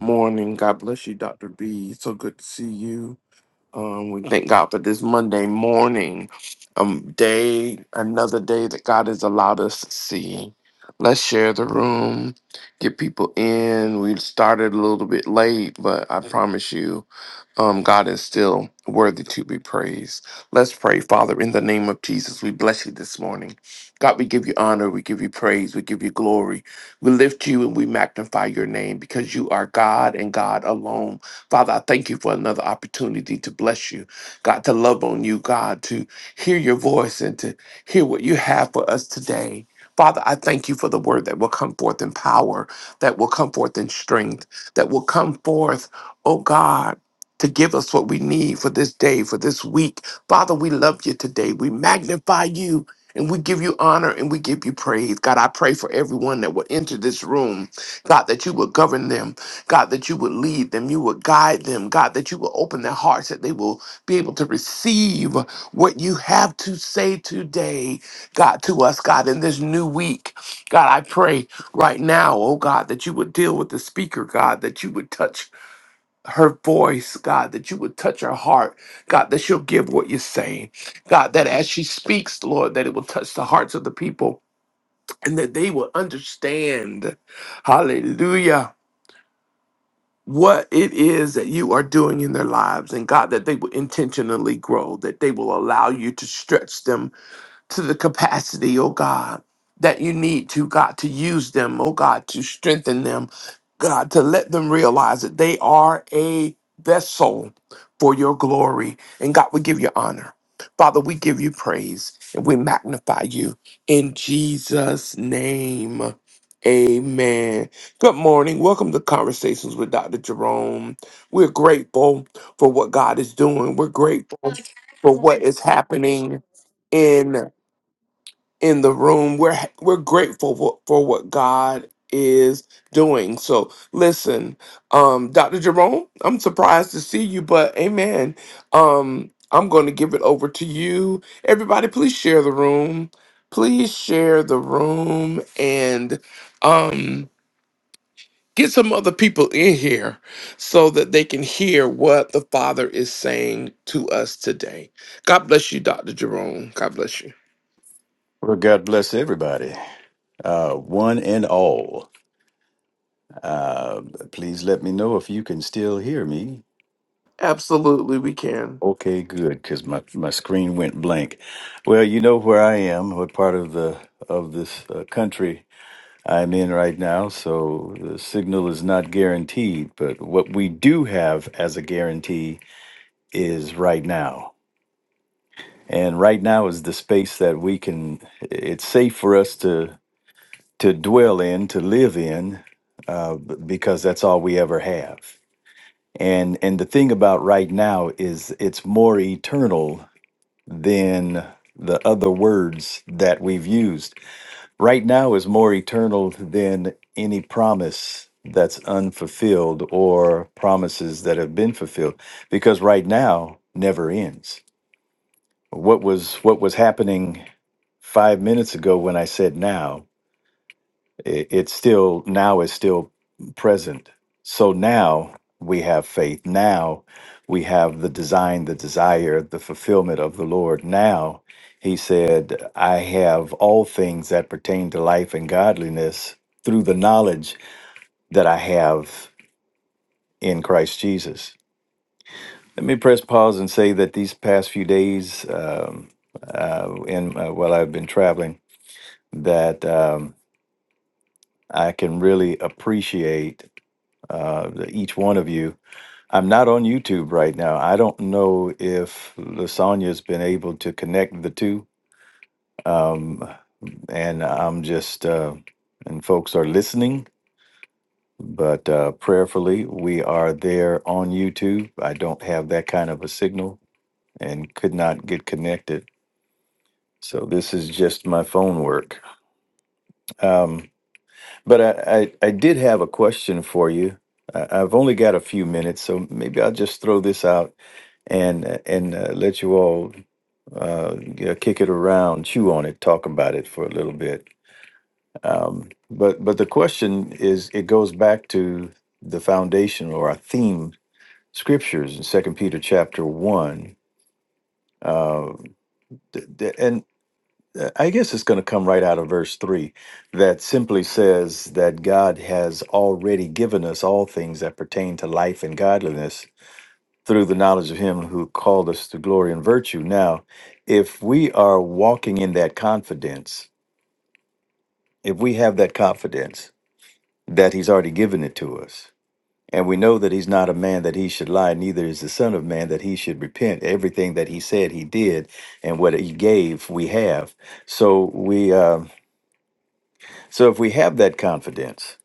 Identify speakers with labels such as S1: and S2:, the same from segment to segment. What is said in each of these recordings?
S1: Morning. God bless you, Dr. B. So good to see you. Um, we thank God for this Monday morning. Um, day, another day that God has allowed us to see. Let's share the room, get people in. We started a little bit late, but I promise you um, God is still worthy to be praised. Let's pray, Father, in the name of Jesus. We bless you this morning. God, we give you honor, we give you praise, we give you glory. We lift you and we magnify your name because you are God and God alone. Father, I thank you for another opportunity to bless you, God, to love on you, God, to hear your voice and to hear what you have for us today. Father, I thank you for the word that will come forth in power, that will come forth in strength, that will come forth, oh God to give us what we need for this day, for this week. Father, we love you today. We magnify you and we give you honor and we give you praise. God, I pray for everyone that will enter this room. God, that you would govern them. God, that you would lead them. You would guide them. God, that you will open their hearts, that they will be able to receive what you have to say today, God, to us, God, in this new week. God, I pray right now, oh God, that you would deal with the speaker, God, that you would touch her voice, God, that you would touch her heart, God, that she'll give what you're saying, God, that as she speaks, Lord, that it will touch the hearts of the people and that they will understand, hallelujah, what it is that you are doing in their lives, and God, that they will intentionally grow, that they will allow you to stretch them to the capacity, oh God. That you need to, God, to use them, oh God, to strengthen them, God, to let them realize that they are a vessel for your glory. And God, we give you honor. Father, we give you praise and we magnify you in Jesus' name. Amen. Good morning. Welcome to Conversations with Dr. Jerome. We're grateful for what God is doing. We're grateful for what is happening in the room. We're we're grateful for, for what God is doing. So listen, um, Dr. Jerome, I'm surprised to see you, but amen. Um, I'm going to give it over to you. Everybody, please share the room. Please share the room and um, get some other people in here so that they can hear what the Father is saying to us today. God bless you, Dr. Jerome. God bless you.
S2: Well, God bless everybody, uh, one and all. Uh, please let me know if you can still hear me.
S1: Absolutely, we can.
S2: Okay, good, because my, my screen went blank. Well, you know where I am, what part of the of this uh, country I'm in right now, so the signal is not guaranteed. But what we do have as a guarantee is right now, and right now is the space that we can. It's safe for us to to dwell in, to live in, uh, b- because that's all we ever have. And and the thing about right now is it's more eternal than the other words that we've used. Right now is more eternal than any promise that's unfulfilled or promises that have been fulfilled because right now never ends. What was what was happening 5 minutes ago when I said now it, it's still now is still present. So now we have faith. Now we have the design, the desire, the fulfillment of the Lord. Now he said, I have all things that pertain to life and godliness through the knowledge that I have in Christ Jesus. Let me press pause and say that these past few days, um, uh, in uh, while I've been traveling, that um, I can really appreciate uh, each one of you. I'm not on YouTube right now. I don't know if Lasagna's been able to connect the two. Um, and I'm just, uh, and folks are listening, but uh, prayerfully, we are there on YouTube. I don't have that kind of a signal and could not get connected. So this is just my phone work. Um, but I, I, I did have a question for you. I, I've only got a few minutes, so maybe I'll just throw this out and and uh, let you all uh, yeah, kick it around, chew on it, talk about it for a little bit. Um, but but the question is, it goes back to the foundation or our theme scriptures in Second Peter chapter one, uh, th- th- and uh, I guess it's going to come right out of verse three, that simply says that God has already given us all things that pertain to life and godliness through the knowledge of him who called us to glory and virtue. Now, if we are walking in that confidence, if we have that confidence that he's already given it to us, and we know that he's not a man that he should lie, neither is the son of man that he should repent. Everything that he said he did and what he gave, we have. So we uh, so if we have that confidence,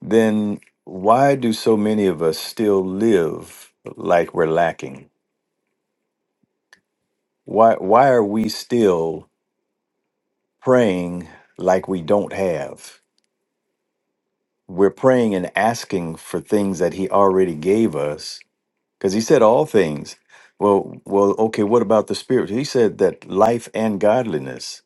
S2: then why do so many of us still live like we're lacking? Why why are we still praying like we don't have. We're praying and asking for things that he already gave us because he said all things. Well, well, okay, what about the spirit? He said that life and godliness.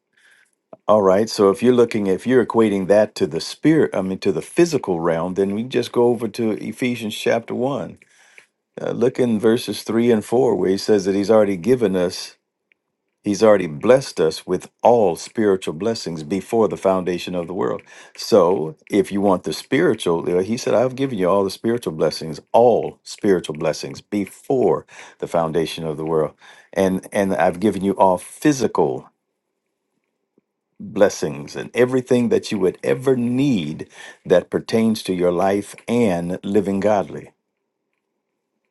S2: All right, so if you're looking if you're equating that to the spirit, I mean to the physical realm, then we can just go over to Ephesians chapter 1. Uh, look in verses 3 and 4 where he says that he's already given us He's already blessed us with all spiritual blessings before the foundation of the world. So, if you want the spiritual, uh, he said, I've given you all the spiritual blessings, all spiritual blessings before the foundation of the world. And and I've given you all physical blessings and everything that you would ever need that pertains to your life and living godly.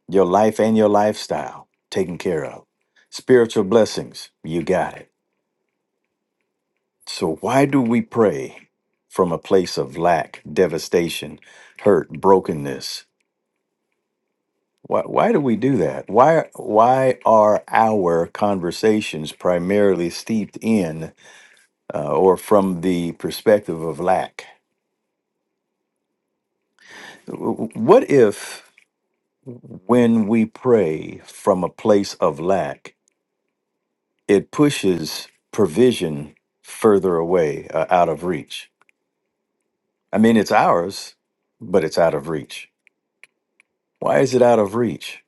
S2: Your life and your lifestyle taken care of. Spiritual blessings, you got it So, why do we pray from a place of lack, devastation, hurt, brokenness? Why, why do we do that? Why, why are our conversations primarily steeped in uh, or from the perspective of lack? W- What if, when we pray from a place of lack, it pushes provision further away, uh, out of reach? I mean, it's ours, but it's out of reach. Why is it out of reach?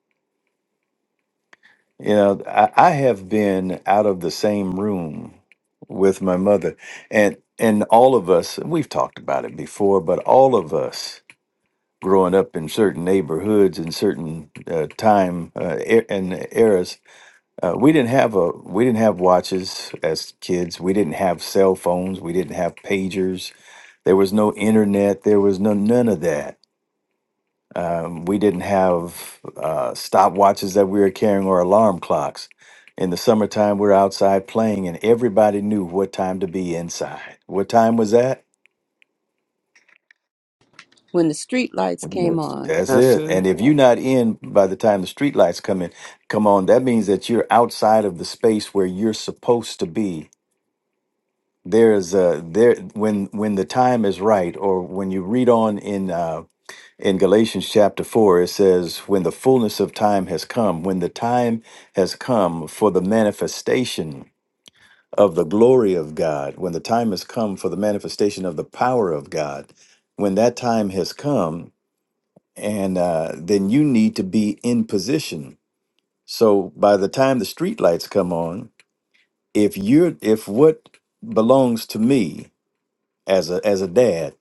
S2: You know, I, I have been out of the same room with my mother, and and all of us. And We've talked about it before, but all of us growing up in certain neighborhoods in certain uh, time uh, e- and eras, uh, we didn't have a we didn't have watches as kids. We didn't have cell phones. We didn't have pagers. There was no internet. There was no none of that Um, we didn't have uh, stopwatches that we were carrying or alarm clocks. In the summertime, we were outside playing, and everybody knew what time to be inside. What time was that?
S3: When the street lights came
S2: Yes.
S3: on,
S2: That's
S1: That's
S2: it.
S1: it.
S2: And if you're not in by the time the street lights come in, come on, that means that you're outside of the space where you're supposed to be. There's a there when when the time is right, or when you read on in uh, In Galatians chapter 4, it says, When the fullness of time has come, when the time has come for the manifestation of the glory of God, when the time has come for the manifestation of the power of God, when that time has come, and uh, then you need to be in position. So by the time the streetlights come on, if you're if what belongs to me as a as a dad,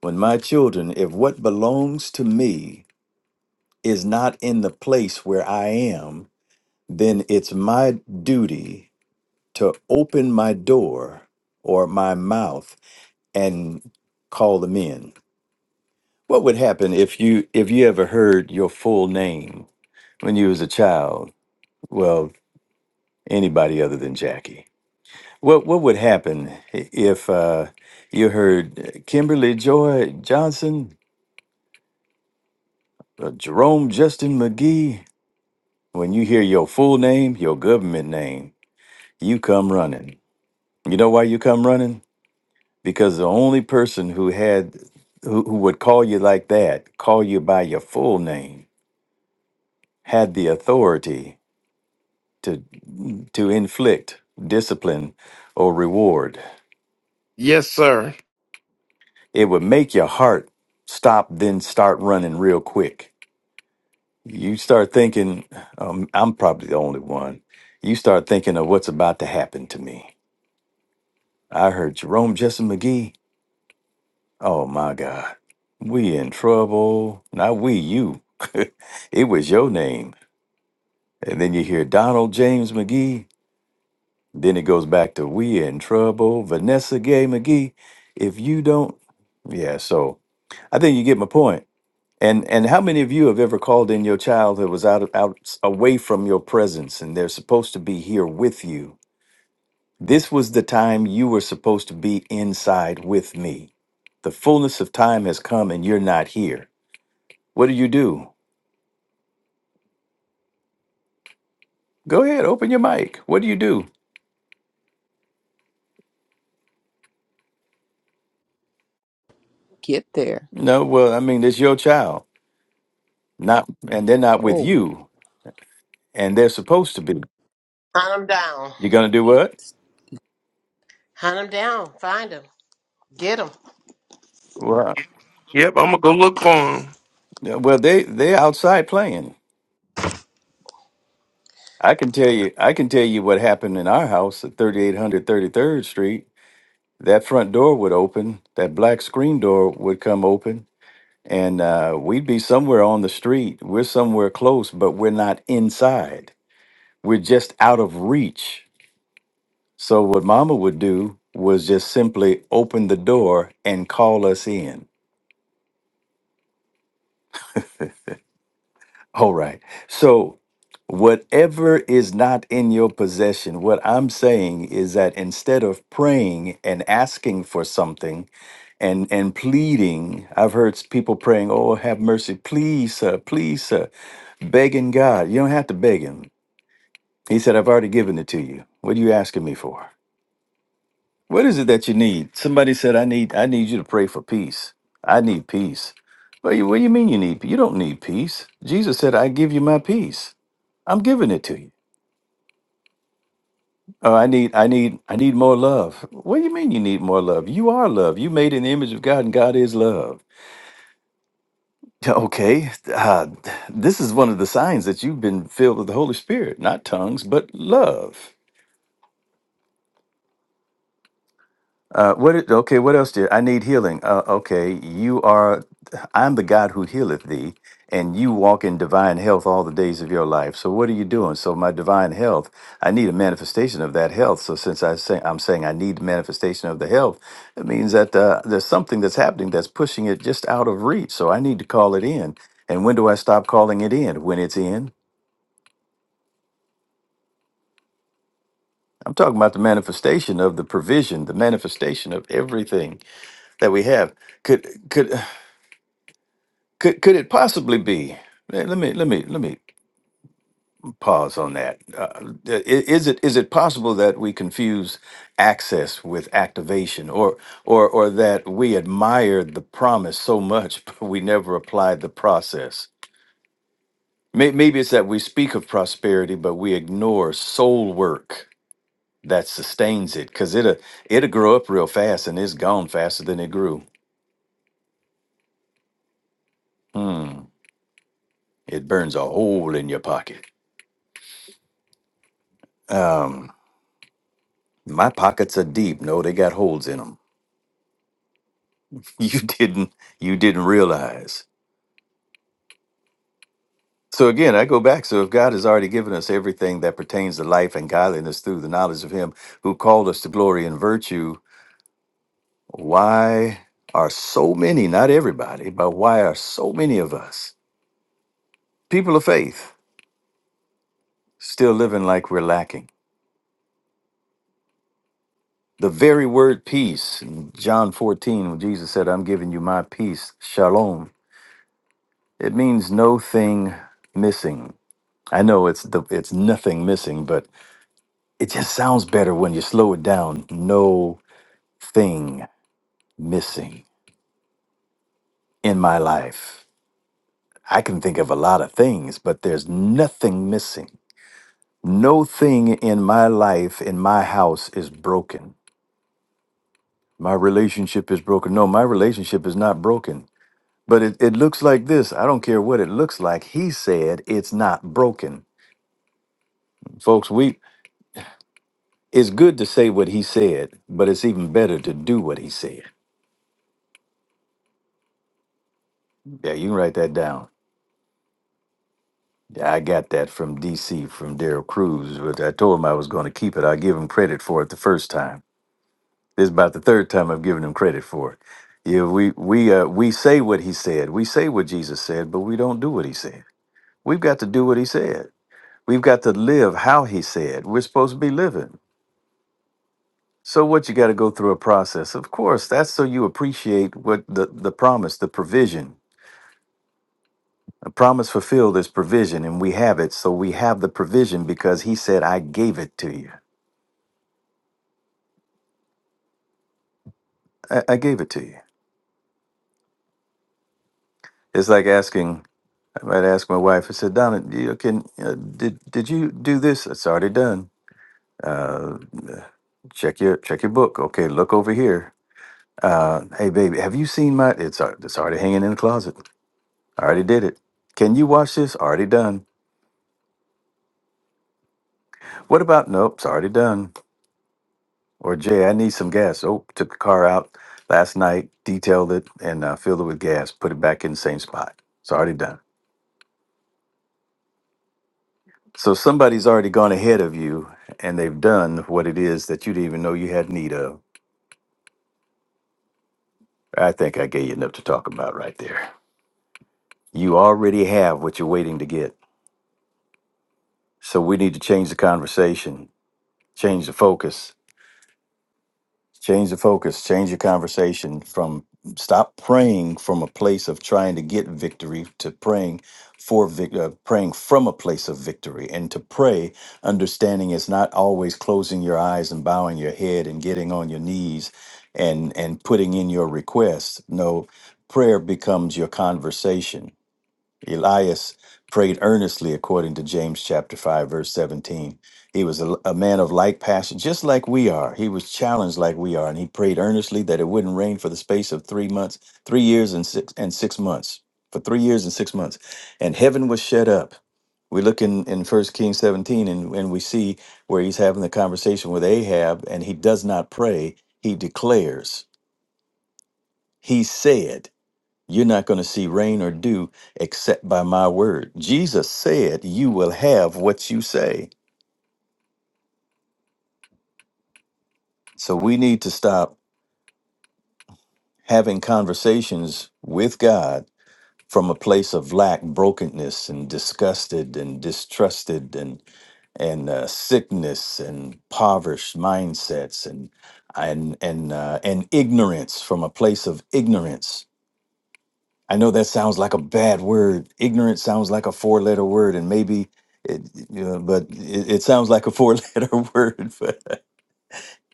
S2: when my children, if what belongs to me is not in the place where I am, then it's my duty to open my door or my mouth and call them in. What would happen if you if you ever heard your full name when you was a child? Well, anybody other than Jackie. What what would happen i- if uh, you heard Kimberly Joy Johnson, uh, Jerome Justin McGee? When you hear your full name, your government name, you come running. You know why you come running? Because the only person who had who, who would call you like that, call you by your full name, had the authority to to inflict discipline or reward.
S1: Yes, sir.
S2: It would make your heart stop, then start running real quick. You start thinking, um, I'm probably the only one. You start thinking of what's about to happen to me. I heard Jerome Jesse McGee Oh my God. We in trouble. Not we, you. it was your name. And then you hear Donald James McGee. Then it goes back to we in trouble. Vanessa Gay McGee. If you don't Yeah, so I think you get my point. And and how many of you have ever called in your child that was out of out away from your presence and they're supposed to be here with you? This was the time you were supposed to be inside with me. The fullness of time has come and you're not here What do you do? Go ahead, open your mic. What do you do?
S3: get there.
S2: No, well, I mean, it's your child, not, and they're not with
S3: Oh,
S2: you, and they're supposed to be.
S4: Hunt them down.
S2: You're gonna do what?
S4: Hunt them down. Find them. Get them.
S2: Well,
S1: Yep, I'm gonna go look for him.
S2: yeah, well, they they're outside playing. I can tell you, I can tell you what happened in our house at thirty eight hundred thirty third Street. That front door would open. That black screen door would come open, and uh, we'd be somewhere on the street. We're somewhere close, but we're not inside. We're just out of reach So what mama would do was just simply open the door and call us in. All right. So whatever is not in your possession, what I'm saying is that instead of praying and asking for something and and pleading, I've heard s- people praying, "Oh, have mercy, please, sir, please, sir," begging God. You don't have to beg him. He said, "I've already given it to you. What are you asking me for?" What is it that you need? Somebody said, "I need, I need you to pray for peace. I need peace." Well, you, what do you mean you need? You don't need peace. Jesus said, "I give you my peace. I'm giving it to you." Oh, I need, I need, I need more love. What do you mean you need more love? You are love. You made in the image of God, and God is love. Yeah, Okay, uh, this is one of the signs that you've been filled with the Holy Spirit, not tongues, but love. Uh, what? Is, okay. What else did I need healing? Uh, okay, you are. I'm the God who healeth thee, and you walk in divine health all the days of your life. So what are you doing? So my divine health. I need a manifestation of that health. So since I say I'm saying I need manifestation of the health, it means that uh, there's something that's happening that's pushing it just out of reach. So I need to call it in. And when do I stop calling it in? When it's in. I'm talking about the manifestation of the provision, the manifestation of everything that we have could could Could could it possibly be? Let let me let me let me pause on that. Uh, uh, i- is it is it possible that we confuse access with activation, or or or that we admired the promise so much but we never applied the process? May- Maybe it's that we speak of prosperity but we ignore soul work that sustains it, because it'll it'll grow up real fast and it's gone faster than it grew. Hmm. It burns a hole in your pocket. Um. My pockets are deep. No, they got holes in them. You didn't you didn't realize. So again, I go back. So if God has already given us everything that pertains to life and godliness through the knowledge of him who called us to glory and virtue, why are so many, not everybody, but why are so many of us, people of faith, still living like we're lacking? The very word peace, in John 14, when Jesus said, I'm giving you my peace, shalom, it means no thing missing I know it's the it's nothing missing, but it just sounds better when you slow it down. No thing missing in my life. I can think of a lot of things, but there's nothing missing. No thing in my life, in my house, is broken. My relationship is broken. No, my relationship is not broken. But it, it looks like this. I don't care what it looks like. He said it's not broken. Folks, we it's good to say what he said, but it's even better to do what he said. Yeah, you can write that down. Yeah, I got that from DC from Daryl Cruz, but I told him I was going to keep it. I give him credit for it the first time. This is about the third time I've given him credit for it. Yeah, we we uh, we say what he said. We say what Jesus said, but we don't do what he said. We've got to do what he said. We've got to live how he said. We're supposed to be living. So what you got to go through a process. Of course, that's so you appreciate what the the promise, the provision The promise fulfilled is provision, and we have it. So we have the provision because he said, I gave it to you. I, I gave it to you. It's like asking, I might ask my wife, I said, Donna, do you, can, uh, did, did you do this? It's already done. Uh, check your check your book. Okay, look over here. Uh, hey, baby, have you seen my? It's al- it's already hanging in the closet. I already did it. Can you wash this? Already done. What about? Nope, it's already done. Or Jay, I need some gas. Oh, took the car out last night, detailed it, and uh, filled it with gas. Put it back in the same spot. It's already done. So somebody's already gone ahead of you, and they've done what it is that you didn't even know you had need of. I think I gave you enough to talk about right there. You already have what you're waiting to get. So we need to change the conversation, change the focus, Change the focus, change your conversation from stop praying from a place of trying to get victory to praying for vic- uh, praying from a place of victory and to pray understanding it's not always closing your eyes and bowing your head and getting on your knees and and putting in your request no prayer becomes your conversation Elias prayed earnestly according to James chapter 5 verse 17. He was a, a man of like passion just like we are. He was challenged like we are and he prayed earnestly that it wouldn't rain for the space of 3 months, 3 years and 6 and 6 months. For 3 years and 6 months. And heaven was shut up. We look in in First Kings 17 and and we see where he's having the conversation with Ahab and he does not pray, he declares. He said you're not going to see rain or dew except by my word. Jesus said, You will have what you say. So we need to stop having conversations with God from a place of lack, brokenness, and disgusted and distrusted and and uh, sickness and impoverished mindsets and and and uh, and ignorance from a place of ignorance I know that sounds like a bad word. Ignorant sounds like a four letter word, and maybe it, you know, but it, it sounds like a four letter word. But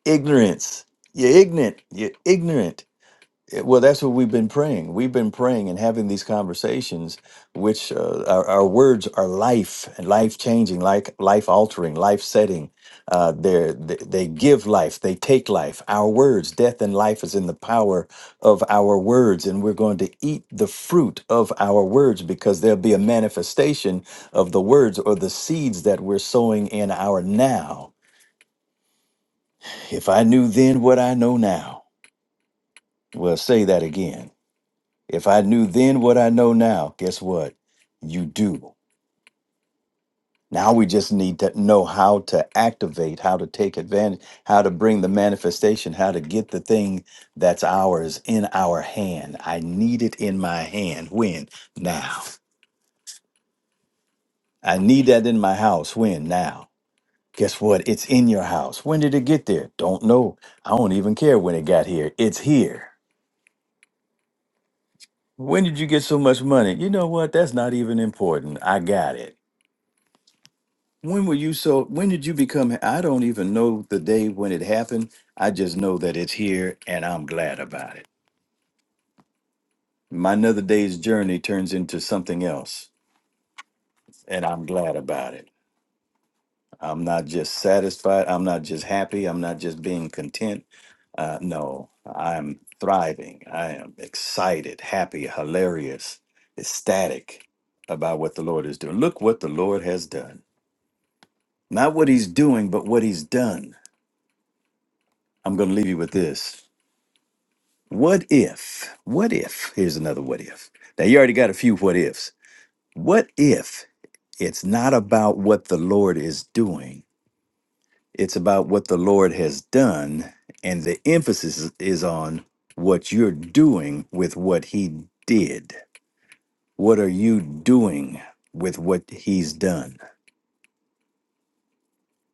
S2: ignorance, you're ignorant, you're ignorant. It- Well, that's what we've been praying. We've been praying and having these conversations, which uh, our, our words are life and life changing, like life altering, life setting. Uh, they're, they they give life, they take life. Our words, death and life is in the power of our words, and we're going to eat the fruit of our words because there'll be a manifestation of the words or the seeds that we're sowing in our now. If I knew then what I know now, well, say that again. If I knew then what I know now, guess what? You do. Now we just need to know how to activate, how to take advantage, how to bring the manifestation, how to get the thing that's ours in our hand. I need it in my hand. When? Now. I need that in my house. When? Now. Guess what? It's in your house. When did it get there? Don't know. I don't even care when it got here. It's here. When did you get so much money? You know what? That's not even important. I got it. When were you so? When did you become? I don't even know the day when it happened. I just know that it's here, and I'm glad about it. My another day's journey turns into something else, and I'm glad about it. I'm not just satisfied. I'm not just happy. I'm not just being content. Uh, no, I'm thriving. I am excited, happy, hilarious, ecstatic about what the Lord is doing. Look what the Lord has done. Not what he's doing, but what he's done. I'm going to leave you with this. What if, what if, here's another what if. Now, you already got a few what ifs. What if it's not about what the Lord is doing, it's about what the Lord has done, and the emphasis is on what you're doing with what He did? What are you doing with what He's done?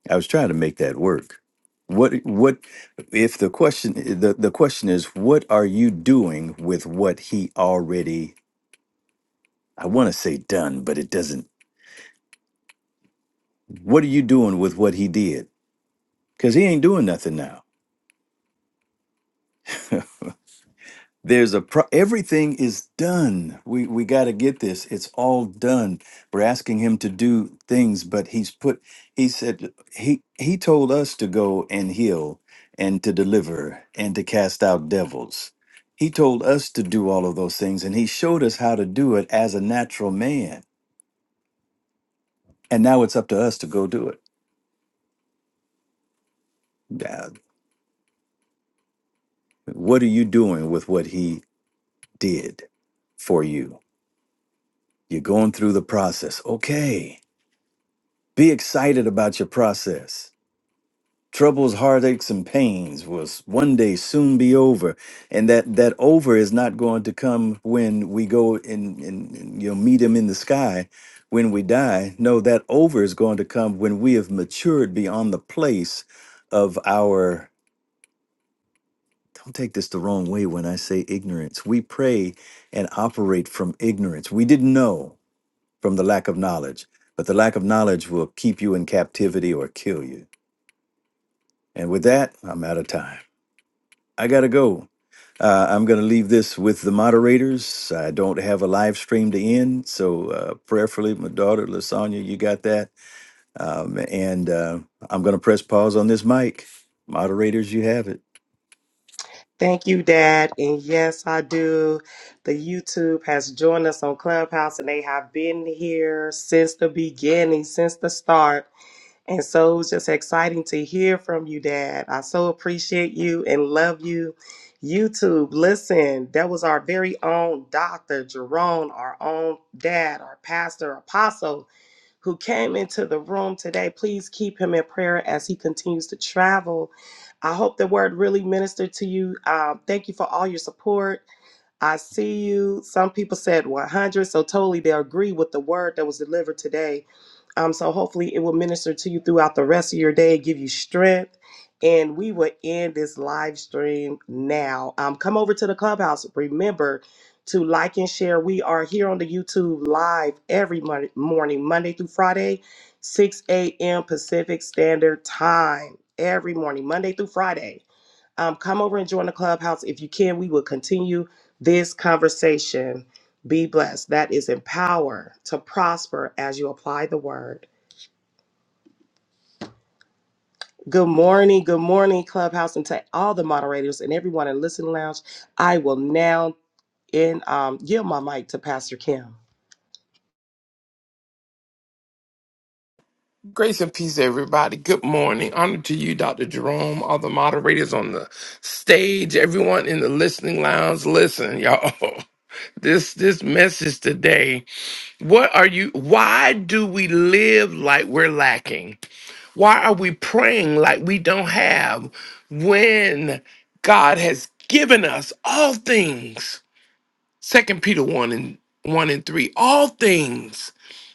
S2: I was trying to make that work. What, what, if the question, the, the question is, what are you doing with what He already I want to say done, but it doesn't. What are you doing with what he did? Because he ain't doing nothing now. There's a pro- everything is done. We we got to get this. It's all done. We're asking him to do things, but he's put. He said he he told us to go and heal and to deliver and to cast out devils. He told us to do all of those things, and he showed us how to do it as a natural man. And now it's up to us to go do it. Yeah, What are you doing with what he did for you? You're going through the process. Okay. Be excited about your process. Troubles, heartaches, and pains will s- one day soon be over. And that, that over is not going to come when we go and, and, and you know, meet him in the sky when we die. No, that over is going to come when we have matured beyond the place of our don't take this the wrong way when I say ignorance. We pray and operate from ignorance. We didn't know from the lack of knowledge, but the lack of knowledge will keep you in captivity or kill you. And with that, I'm out of time. I got to go. Uh, I'm going to leave this with the moderators. I don't have a live stream to end. So, uh, prayerfully, my daughter, Lasagna, you got that. Um, and uh, I'm going to press pause on this mic. Moderators, you have it.
S5: Thank you, Dad. And yes, I do. The YouTube has joined us on Clubhouse and they have been here since the beginning, since the start. And so it's just exciting to hear from you, Dad. I so appreciate you and love you. YouTube, listen, that was our very own Dr. Jerome, our own dad, our pastor, apostle who came into the room today. Please keep him in prayer as he continues to travel. I hope the word really ministered to you. Um, thank you for all your support. I see you. Some people said 100, so totally they agree with the word that was delivered today. Um, so hopefully it will minister to you throughout the rest of your day, give you strength. And we will end this live stream now. Um, come over to the clubhouse. Remember to like and share. We are here on the YouTube live every mon- morning, Monday through Friday, 6 a.m. Pacific Standard Time. Every morning, Monday through Friday. Um, come over and join the clubhouse if you can. We will continue this conversation. Be blessed. That is empower to prosper as you apply the word. Good morning, good morning, Clubhouse, and to all the moderators and everyone in Listen Lounge. I will now in um, give my mic to Pastor Kim.
S1: Grace and peace, everybody. Good morning. Honor to you, Dr. Jerome, all the moderators on the stage, everyone in the listening lounge. Listen, y'all. This this message today. What are you why do we live like we're lacking? Why are we praying like we don't have when God has given us all things? Second Peter 1 and 1 and 3. All things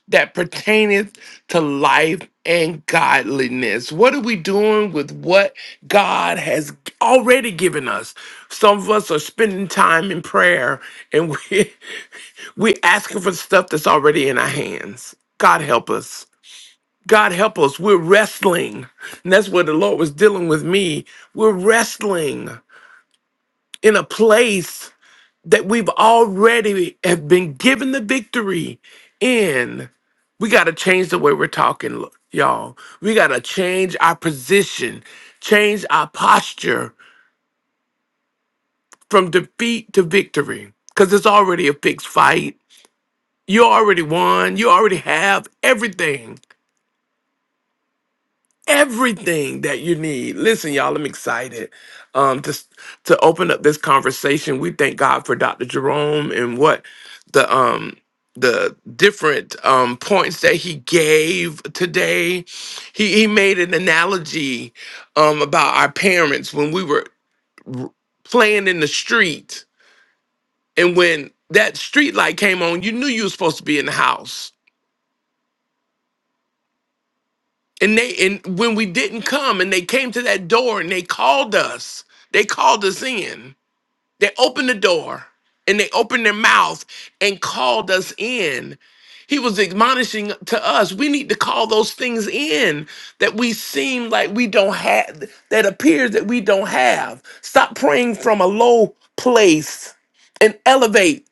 S1: that pertaineth to life and godliness. What are we doing with what God has already given us? Some of us are spending time in prayer and we we asking for stuff that's already in our hands. God help us. God help us. We're wrestling. And that's where the Lord was dealing with me. We're wrestling in a place that we've already have been given the victory in we got to change the way we're talking lo- y'all we got to change our position change our posture from defeat to victory because it's already a fixed fight you already won you already have everything everything that you need. Listen, y'all, I'm excited um, to to open up this conversation. We thank God for Dr. Jerome and what the um the different um points that he gave today. He he made an analogy um about our parents when we were r- playing in the street and when that street light came on, you knew you were supposed to be in the house And they and when we didn't come and they came to that door and they called us, they called us in. They opened the door and they opened their mouth and called us in. He was admonishing to us, we need to call those things in that we seem like we don't have, that appears that we don't have. Stop praying from a low place and elevate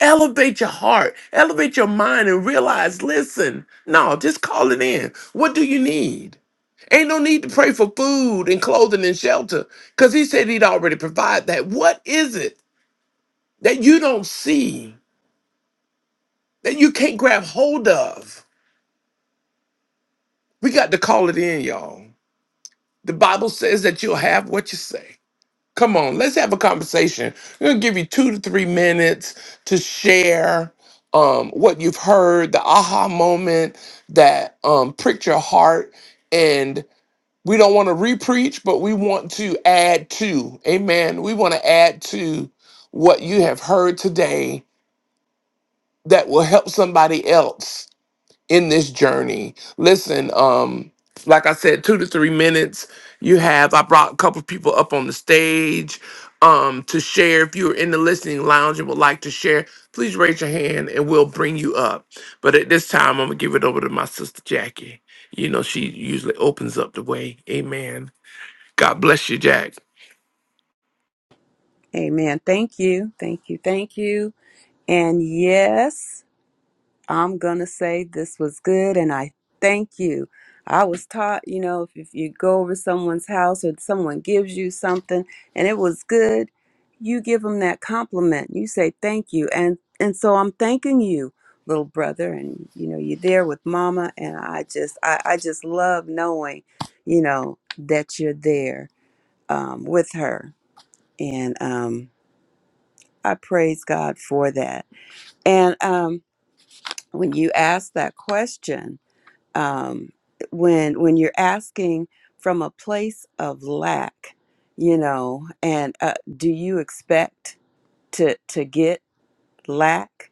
S1: Elevate your heart, elevate your mind, and realize listen, no, just call it in. What do you need? Ain't no need to pray for food and clothing and shelter because he said he'd already provide that. What is it that you don't see, that you can't grab hold of? We got to call it in, y'all. The Bible says that you'll have what you say. Come on, let's have a conversation. I'm gonna give you two to three minutes to share um, what you've heard, the aha moment that um, pricked your heart, and we don't want to repreach, but we want to add to. Amen. We want to add to what you have heard today that will help somebody else in this journey. Listen, um, like I said, two to three minutes. You have I brought a couple people up on the stage um to share. If you're in the listening lounge and would like to share, please raise your hand and we'll bring you up. But at this time, I'm gonna give it over to my sister Jackie. You know, she usually opens up the way. Amen. God bless you, Jack.
S3: amen. Thank you. Thank you. Thank you. And yes. I'm going to say this was good and I thank you. I was taught, you know, if, if you go over someone's house or someone gives you something and it was good, you give them that compliment. You say thank you. And and so I'm thanking you, little brother, and you know, you're there with mama and I just I, I just love knowing, you know, that you're there um, with her. And um I praise God for that. And um when you asked that question, um, when when you're asking from a place of lack, you know, and uh, do you expect to to get lack?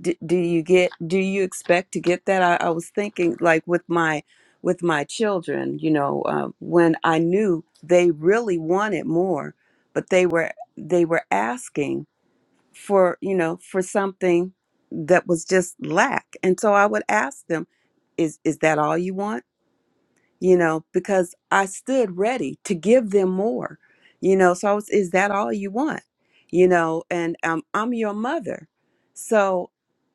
S3: D- do you get do you expect to get that? I, I was thinking like with my with my children, you know, uh, when I knew they really wanted more, but they were they were asking for you know for something that was just lack, and so I would ask them, "Is is that all you want?" you know, because I stood ready to give them more, you know. So I was, is that all you want, you know? And um, I'm your mother, so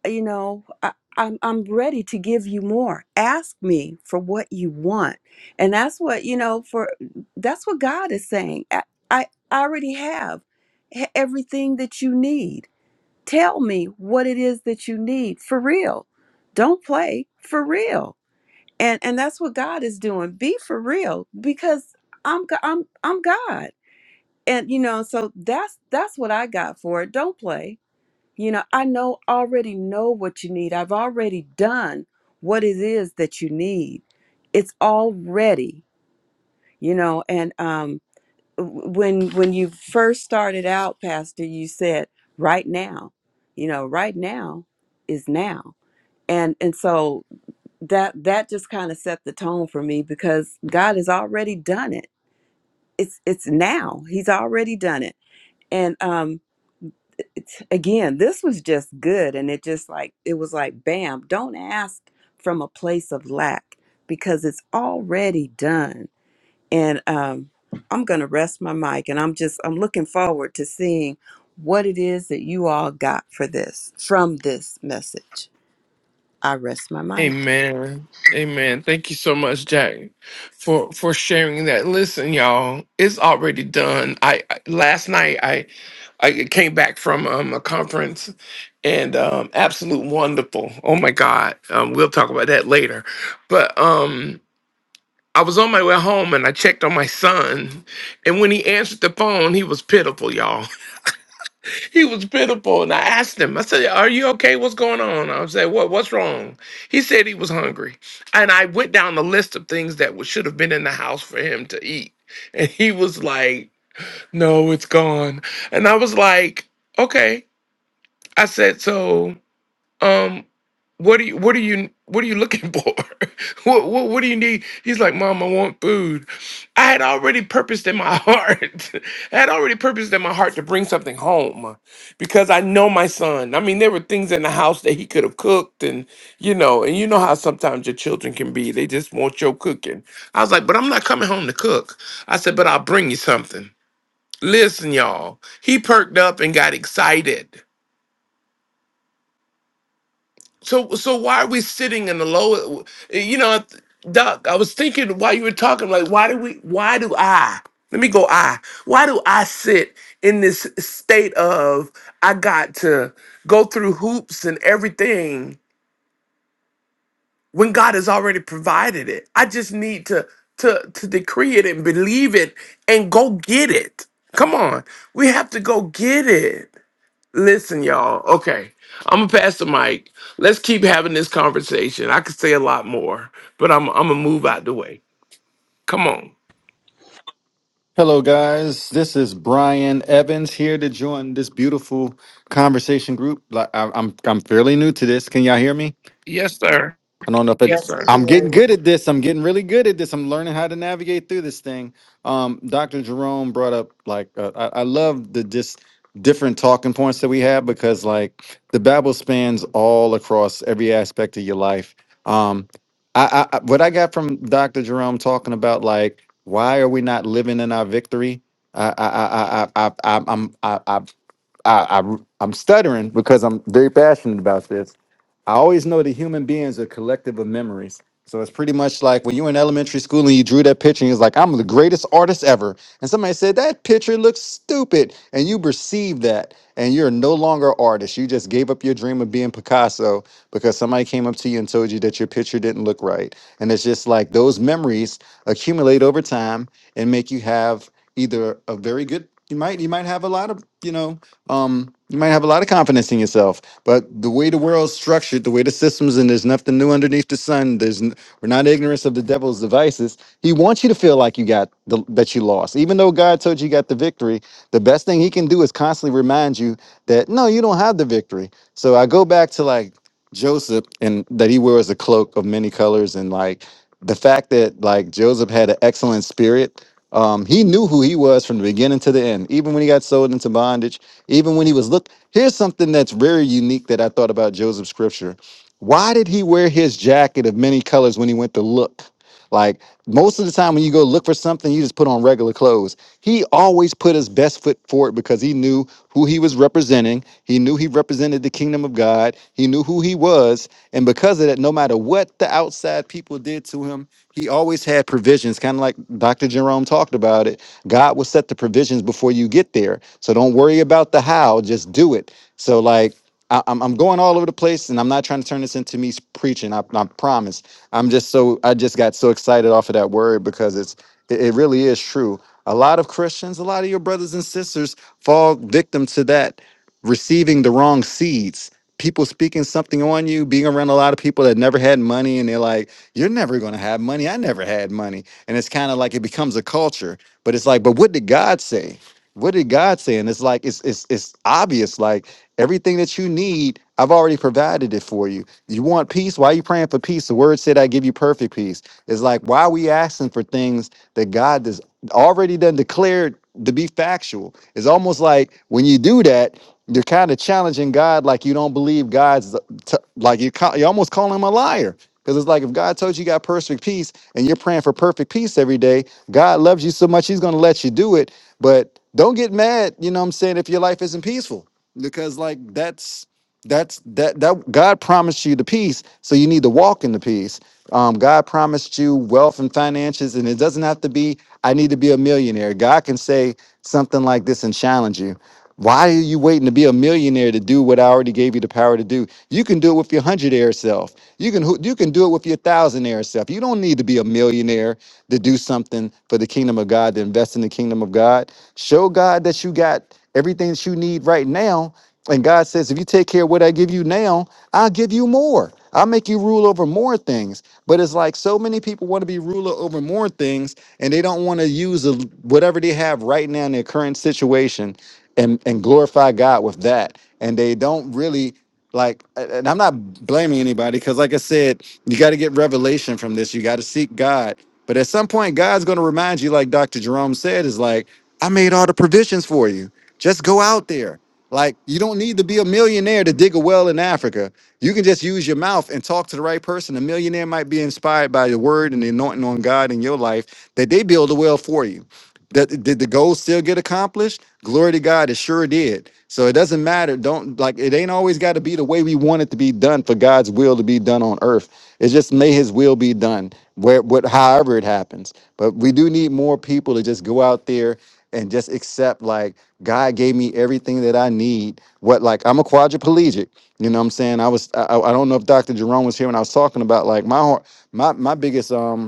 S3: you know, I, I'm I'm ready to give you more. Ask me for what you want, and that's what you know. For that's what God is saying. I, I already have e- everything that you need. Tell me what it is that you need for real. Don't play for real and and that's what God is doing. Be for real, because I'm Go- I'm I'm God, and you know, so that's that's what I got for it. Don't play. You know, I know already know what you need. I've already done what it is that you need. It's already, you know, and um, w- when when you first started out, Pastor, you said right now, you know, right now is now, and and so that that just kind of set the tone for me because God has already done it. It's it's now. He's already done it. And um it's, again, this was just good and it just like it was like bam, don't ask from a place of lack because it's already done. And um I'm going to rest my mic and I'm just I'm looking forward to seeing what it is that you all got for this from this message. I rest my mic.
S1: Amen. Amen. Thank you so much, Jack, for for sharing that. Listen, y'all, it's already done. I, I last night I I came back from um, a conference and um absolute wonderful. Oh my God. Um we'll talk about that later. But um I was on my way home and I checked on my son and when he answered the phone, he was pitiful, y'all. He was pitiful. And I asked him, I said, Are you okay? What's going on? I said, What what's wrong? He said he was hungry. And I went down the list of things that was- should have been in the house for him to eat. And he was like, No, it's gone. And I was like, Okay. I said, so um what do you what do you what are you looking for what, what what do you need he's like mom i want food i had already purposed in my heart i had already purposed in my heart to bring something home because i know my son i mean there were things in the house that he could have cooked and you know and you know how sometimes your children can be they just want your cooking i was like but i'm not coming home to cook i said but i'll bring you something listen y'all he perked up and got excited So so why are we sitting in the lower? You know, Doc. I was thinking while you were talking, like, why do we? Why do I? Let me go. I. Why do I sit in this state of I got to go through hoops and everything when God has already provided it? I just need to to to decree it and believe it and go get it. Come on, we have to go get it. Listen, y'all. Okay. I'm gonna pass the mic. Let's keep having this conversation. I could say a lot more, but I'm I'm gonna move out the way. Come on.
S6: Hello, guys. This is Brian Evans here to join this beautiful conversation group. Like, I- I'm I'm fairly new to this. Can y'all hear me?
S1: Yes, sir.
S6: I don't know if
S1: Yes,
S6: it,
S1: sir.
S6: I'm getting good at this. I'm getting really good at this. I'm learning how to navigate through this thing. Um, Dr. Jerome brought up like uh, I, I love the just different talking points that we have because like the Bible spans all across every aspect of your life. Um, I, I I- what I got from Dr. Jerome talking about like why are we not living in our victory? I I I I I I I'm I, I, I I'm stuttering because I'm very passionate about this. I always know that human beings are collective of memories. So it's pretty much like when you were in elementary school and you drew that picture and you was like, I'm the greatest artist ever. And somebody said, That picture looks stupid. And you perceived that. And you're no longer an artist. You just gave up your dream of being Picasso because somebody came up to you and told you that your picture didn't look right. And it's just like those memories accumulate over time and make you have either a very good you might you might have a lot of you know um you might have a lot of confidence in yourself, but the way the world's structured, the way the systems, and there's nothing new underneath the sun. There's n- we're not ignorant of the devil's devices. He wants you to feel like you got the, that you lost, even though God told you you got the victory. The best thing he can do is constantly remind you that no, you don't have the victory. So I go back to like Joseph and that he wears a cloak of many colors and like the fact that like Joseph had an excellent spirit. Um, he knew who he was from the beginning to the end, even when he got sold into bondage, even when he was look. Here's something that's very unique that I thought about Joseph's scripture. Why did he wear his jacket of many colors when he went to look? Like most of the time when you go look for something, you just put on regular clothes. He always put his best foot forward because he knew who he was representing. He knew he represented the kingdom of God. He knew who he was. And because of that, no matter what the outside people did to him, he always had provisions, kind of like Dr. Jerome talked about it. God will set the provisions before you get there. So don't worry about the how, just do it. So, like, I, am I'm I'm going all over the place, and I'm not trying to turn this into me preaching. I, I promise. I'm just so I just got so excited off of that word because it's it, it really is true. A lot of Christians, a lot of your brothers and sisters fall victim to that receiving the wrong seeds. People speaking something on you, being around a lot of people that never had money, and they're like, You're never gonna have money. I never had money. And it's kind of like it becomes a culture. But it's like, but what did God say? What did God say? And it's like it's it's it's obvious. Like everything that you need, I've already provided it for you. You want peace? Why are you praying for peace? The word said, "I give you perfect peace." It's like why are we asking for things that God has already done declared to be factual? It's almost like when you do that, you're kind of challenging God, like you don't believe God's t- like you ca- you almost calling him a liar. Because it's like if God told you you got perfect peace and you're praying for perfect peace every day, God loves you so much, He's going to let you do it. But don't get mad, you know what I'm saying, if your life isn't peaceful. Because like that's that's that that God promised you the peace, so you need to walk in the peace. Um, God promised you wealth and finances, and it doesn't have to be, I need to be a millionaire. God can say something like this and challenge you. Why are you waiting to be a millionaire to do what I already gave you the power to do? You can do it with your hundredaire self. You can you can do it with your thousandaire self. You don't need to be a millionaire to do something for the kingdom of God, to invest in the kingdom of God. Show God that you got everything that you need right now. And God says, if you take care of what I give you now, I'll give you more. I'll make you rule over more things. But it's like so many people want to be ruler over more things and they don't want to use the- whatever they have right now in their current situation and and glorify God with that. And they don't really like and I'm not blaming anybody cuz like I said, you got to get revelation from this. You got to seek God. But at some point God's going to remind you like Dr. Jerome said is like I made all the provisions for you. Just go out there. Like you don't need to be a millionaire to dig a well in Africa. You can just use your mouth and talk to the right person. A millionaire might be inspired by the word and the anointing on God in your life that they build a well for you that did the goal still get accomplished? Glory to God, it sure did. So it doesn't matter. Don't like it ain't always got to be the way we want it to be done for God's will to be done on earth. It just may His will be done where what however it happens. But we do need more people to just go out there and just accept like God gave me everything that I need. What like I'm a quadriplegic. You know what I'm saying? I was I, I I don't know if Dr. Jerome was here when I was talking about like my heart- my my biggest um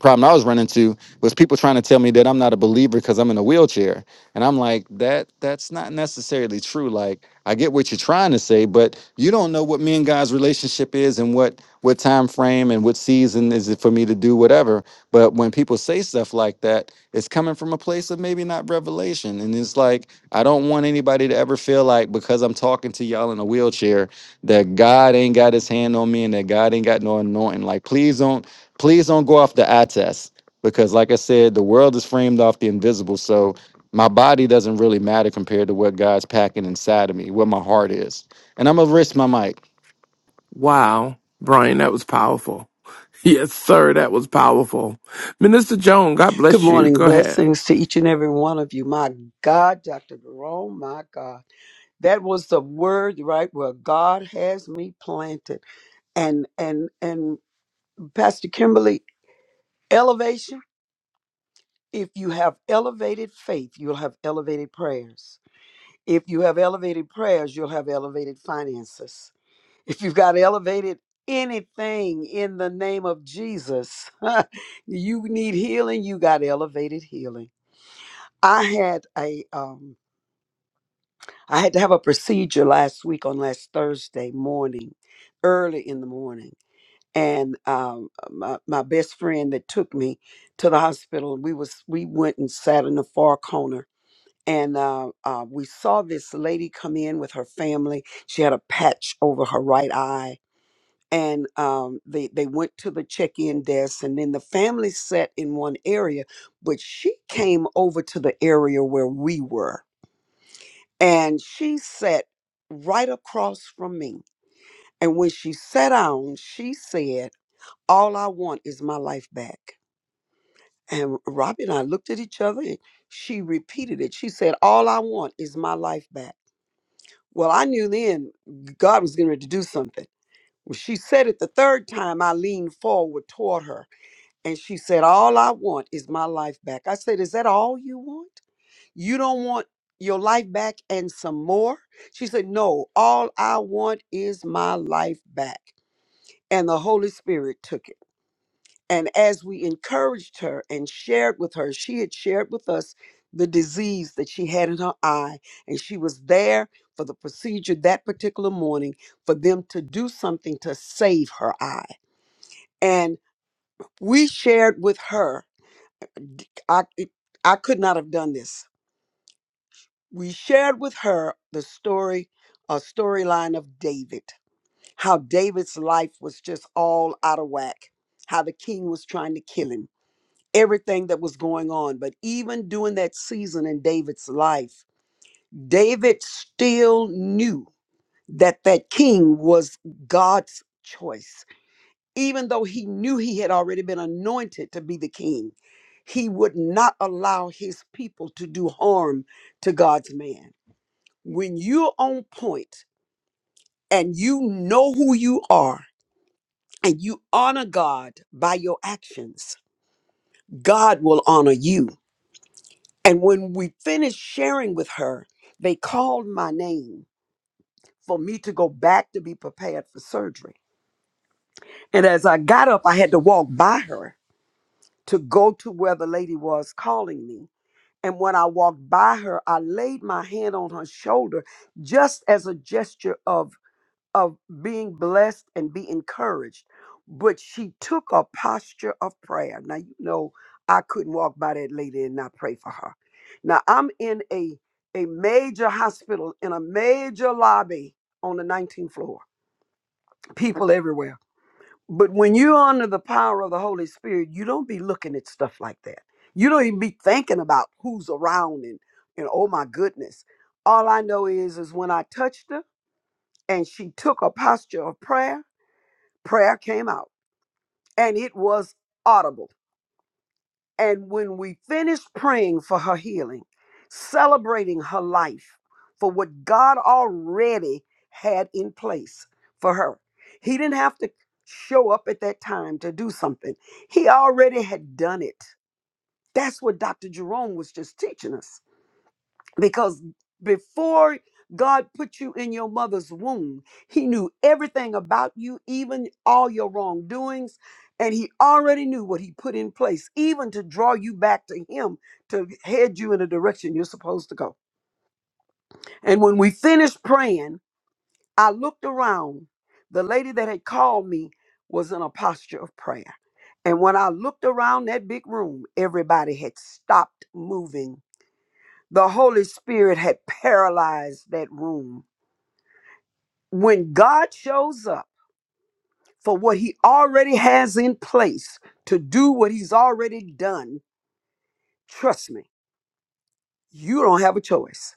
S6: problem I was running into was people trying to tell me that I'm not a believer because I'm in a wheelchair. And I'm like, that that's not necessarily true. Like I get what you're trying to say, but you don't know what me and God's relationship is and what what time frame and what season is it for me to do whatever. But when people say stuff like that, it's coming from a place of maybe not revelation. And it's like, I don't want anybody to ever feel like because I'm talking to y'all in a wheelchair that God ain't got his hand on me and that God ain't got no anointing. Like please don't please don't go off the eye test because like i said the world is framed off the invisible so my body doesn't really matter compared to what god's packing inside of me what my heart is and i'm gonna risk my mic
S1: Wow, Brian, that was powerful. Yes, sir, that was powerful. Minister Joan, God
S7: Good
S1: bless you.
S7: morning.
S1: Go ahead.
S7: Blessings to each and every one of you. My God, Dr. Jerome, my God. That was the word, right, where God has me planted. And and and Pastor Kimberly, elevation. If you have elevated faith, you'll have elevated prayers. If you have elevated prayers, you'll have elevated finances. If you've got elevated anything in the name of Jesus, you need healing, you got elevated healing. I had a um I had to have a procedure last week on last Thursday morning, early in the morning, and um, uh, my my best friend that took me to the hospital. We was we went and sat in the far corner, and uh, uh, we saw this lady come in with her family. She had a patch over her right eye, and um, they they went to the check-in desk, and then the family sat in one area, but she came over to the area where we were and she sat right across from me. And when she sat down, she said, All I want is my life back. And Robbie and I looked at each other and she repeated it. She said, All I want is my life back. Well, I knew then God was getting ready to do something. When she said it the third time, I leaned forward toward her and she said, All I want is my life back. I said, Is that all you want? You don't want your life back and some more? She said, No, all I want is my life back. And the Holy Spirit took it. And as we encouraged her and shared with her, she had shared with us the disease that she had in her eye. And she was there for the procedure that particular morning for them to do something to save her eye. And we shared with her, I, I could not have done this we shared with her the story a storyline of david how david's life was just all out of whack how the king was trying to kill him everything that was going on but even during that season in david's life david still knew that that king was god's choice even though he knew he had already been anointed to be the king he would not allow his people to do harm to god's man when you're on point and you know who you are and you honor God by your actions, God will honor you. And when we finished sharing with her, they called my name for me to go back to be prepared for surgery. And as I got up, I had to walk by her to go to where the lady was calling me. And when I walked by her, I laid my hand on her shoulder just as a gesture of of being blessed and be encouraged. But she took a posture of prayer. Now, you know, I couldn't walk by that lady and not pray for her. Now, I'm in a, a major hospital in a major lobby on the 19th floor, people everywhere. But when you're under the power of the Holy Spirit, you don't be looking at stuff like that. You don't even be thinking about who's around and, and oh my goodness. All I know is is when I touched her and she took a posture of prayer, prayer came out and it was audible. And when we finished praying for her healing, celebrating her life for what God already had in place for her, He didn't have to show up at that time to do something. He already had done it. That's what Dr. Jerome was just teaching us. because before God put you in your mother's womb, He knew everything about you, even all your wrongdoings, and He already knew what He put in place, even to draw you back to Him to head you in the direction you're supposed to go. And when we finished praying, I looked around. The lady that had called me was in a posture of prayer. And when I looked around that big room, everybody had stopped moving. The Holy Spirit had paralyzed that room when God shows up for what he already has in place to do what he's already done, trust me, you don't have a choice.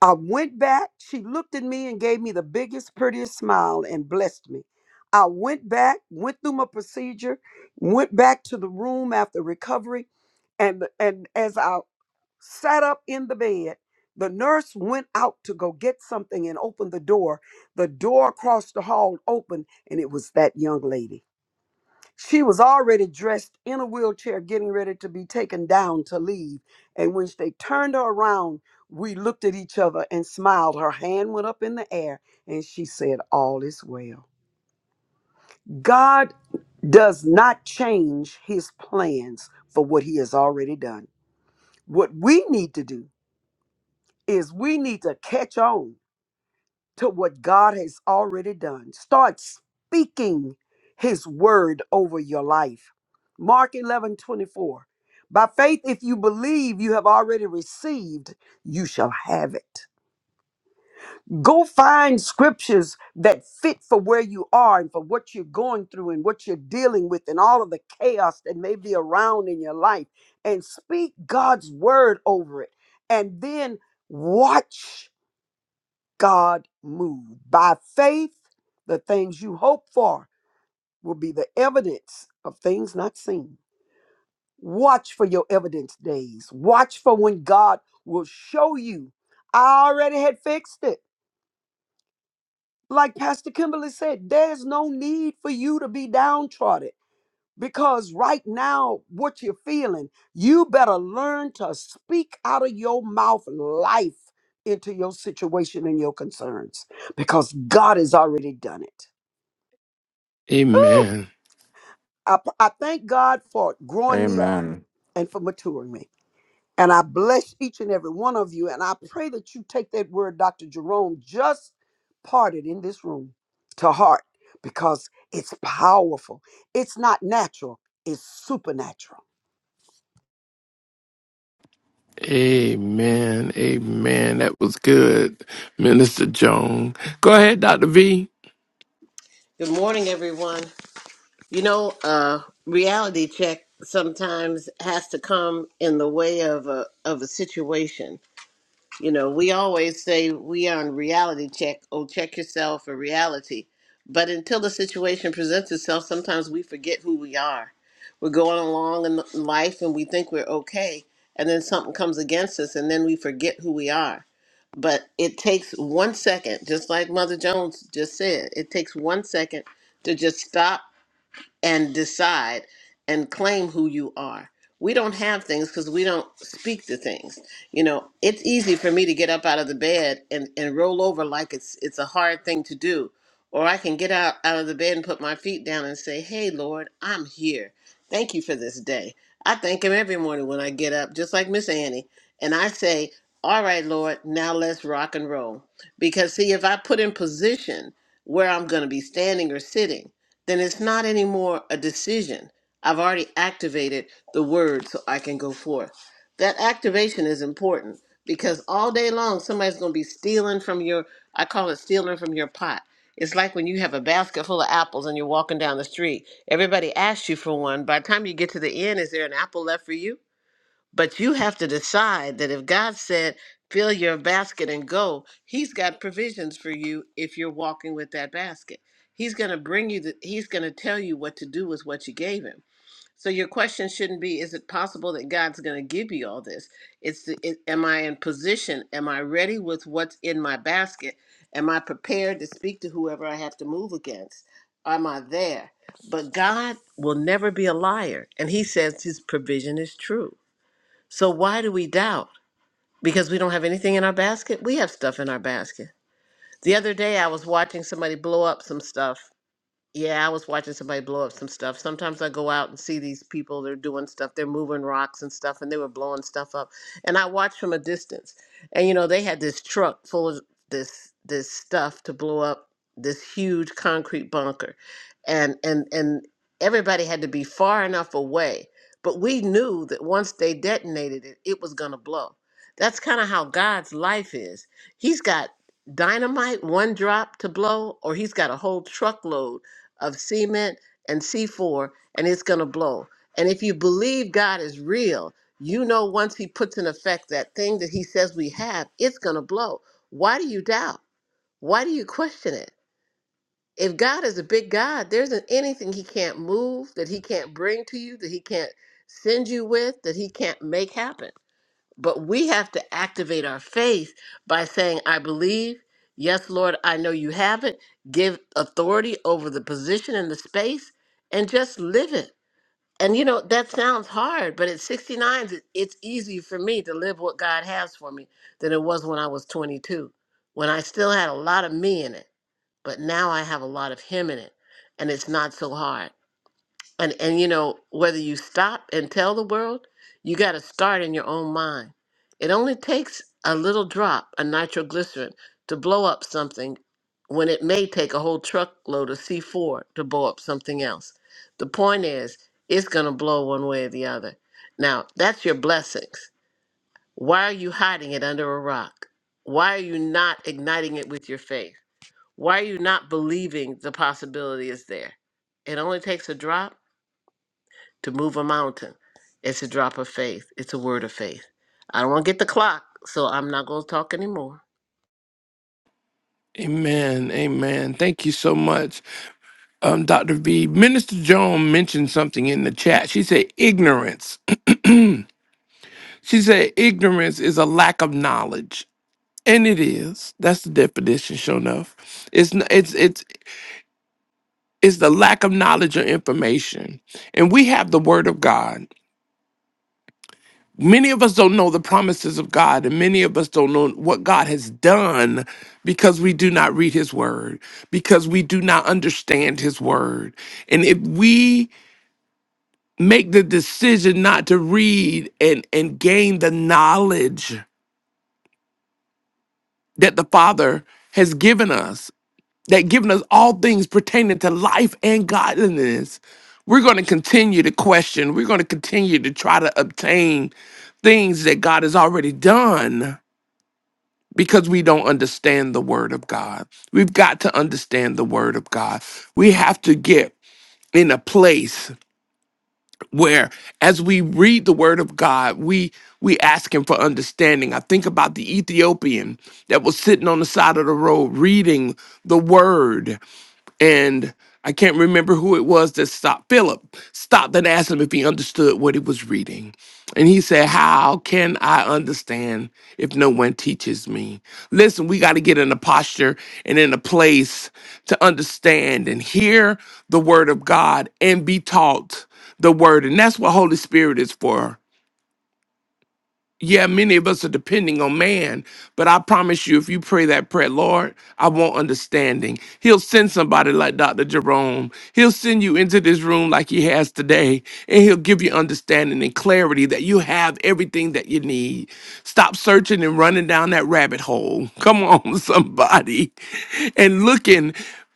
S7: I went back. She looked at me and gave me the biggest, prettiest smile and blessed me. I went back, went through my procedure, went back to the room after recovery, and and as I sat up in the bed, the nurse went out to go get something and opened the door. The door across the hall opened, and it was that young lady. She was already dressed in a wheelchair, getting ready to be taken down to leave. And when they turned her around, we looked at each other and smiled. Her hand went up in the air and she said, All is well. God does not change his plans for what he has already done. What we need to do is we need to catch on to what God has already done. Start speaking his word over your life. Mark 11 24. By faith, if you believe you have already received, you shall have it. Go find scriptures that fit for where you are and for what you're going through and what you're dealing with and all of the chaos that may be around in your life and speak God's word over it. And then watch God move. By faith, the things you hope for will be the evidence of things not seen. Watch for your evidence days. Watch for when God will show you. I already had fixed it. Like Pastor Kimberly said, there's no need for you to be downtrodden because right now, what you're feeling, you better learn to speak out of your mouth life into your situation and your concerns because God has already done it. Ooh,
S1: Amen.
S7: I, I thank God for growing me up
S6: amen
S7: and for maturing me. And I bless each and every one of you. And I pray that you take that word Dr. Jerome just parted in this room to heart because it's powerful. It's not natural, it's supernatural.
S1: Amen. Amen. That was good, Minister Joan. Go ahead, Dr. V.
S4: Good morning, everyone. You know, uh, reality check sometimes has to come in the way of a of a situation. You know, we always say we are on reality check. Oh, check yourself or reality. But until the situation presents itself, sometimes we forget who we are. We're going along in life and we think we're okay, and then something comes against us, and then we forget who we are but it takes one second, just like Mother Jones just said, it takes one second to just stop and decide and claim who you are. We don't have things because we don't speak to things. You know, it's easy for me to get up out of the bed and, and roll over like it's it's a hard thing to do. Or I can get out, out of the bed and put my feet down and say, Hey Lord, I'm here. Thank you for this day. I thank him every morning when I get up, just like Miss Annie. And I say, All right, Lord, now let's rock and roll. Because see, if I put in position where I'm gonna be standing or sitting, then it's not anymore a decision. I've already activated the word so I can go forth. That activation is important because all day long somebody's going to be stealing from your, I call it stealing from your pot. It's like when you have a basket full of apples and you're walking down the street. Everybody asks you for one. By the time you get to the end, is there an apple left for you? But you have to decide that if God said, fill your basket and go, He's got provisions for you if you're walking with that basket. He's going to bring you, the, He's going to tell you what to do with what you gave Him. So your question shouldn't be, is it possible that God's going to give you all this? It's, the, it, am I in position? Am I ready with what's in my basket? Am I prepared to speak to whoever I have to move against? Am I there? But God will never be a liar. And He says His provision is true. So why do we doubt? Because we don't have anything in our basket? We have stuff in our basket. The other day I was watching somebody blow up some stuff yeah, I was watching somebody blow up some stuff. Sometimes I go out and see these people, they're doing stuff, they're moving rocks and stuff, and they were blowing stuff up. And I watched from a distance. And you know, they had this truck full of this this stuff to blow up this huge concrete bunker. And and and everybody had to be far enough away. But we knew that once they detonated it, it was gonna blow. That's kind of how God's life is. He's got dynamite, one drop to blow, or he's got a whole truckload of cement and C4, and it's going to blow. And if you believe God is real, you know once He puts in effect that thing that He says we have, it's going to blow. Why do you doubt? Why do you question it? If God is a big God, there isn't anything He can't move, that He can't bring to you, that He can't send you with, that He can't make happen. But we have to activate our faith by saying, I believe. Yes, Lord, I know you have it. Give authority over the position and the space and just live it. And you know, that sounds hard, but at 69, it- it's easier for me to live what God has for me than it was when I was 22, when I still had a lot of me in it. But now I have a lot of Him in it, and it's not so hard and and you know whether you stop and tell the world you got to start in your own mind it only takes a little drop of nitroglycerin to blow up something when it may take a whole truckload of c4 to blow up something else the point is it's going to blow one way or the other now that's your blessings why are you hiding it under a rock why are you not igniting it with your faith why are you not believing the possibility is there it only takes a drop to move a mountain. It's a drop of faith. It's a word of faith. I don't want to get the clock, so I'm not going to talk anymore.
S1: Amen. Amen. Thank you so much. Um, Dr. V, Minister Joan mentioned something in the chat. She said ignorance. she said ignorance is a lack of knowledge, and it is. That's the definition. Sure enough, it's n- it's it's it's the lack of knowledge or information, and we have the Word of God. Many of us don't know the promises of God, and many of us don't know what God has done because we do not read His Word, because we do not understand His Word. And if we make the decision not to read and and gain the knowledge that the father has given us that given us all things pertaining to life and godliness we're going to continue to question we're going to continue to try to obtain things that god has already done because we don't understand the word of god we've got to understand the word of god we have to get in a place where as we read the word of God, we we ask him for understanding. I think about the Ethiopian that was sitting on the side of the road reading the word and I can't remember who it was that stopped Philip, stopped and asked him if he understood what he was reading. And he said, How can I understand if no one teaches me? Listen, we got to get in a posture and in a place to understand and hear the word of God and be taught the word. And that's what Holy Spirit is for. Yeah, many of us are depending on man, but I promise you, if you pray that prayer, Lord, I want understanding. He'll send somebody like Dr. Jerome. He'll send you into this room like he has today, and he'll give you understanding and clarity that you have everything that you need. Stop searching and running down that rabbit hole. Come on, somebody, and looking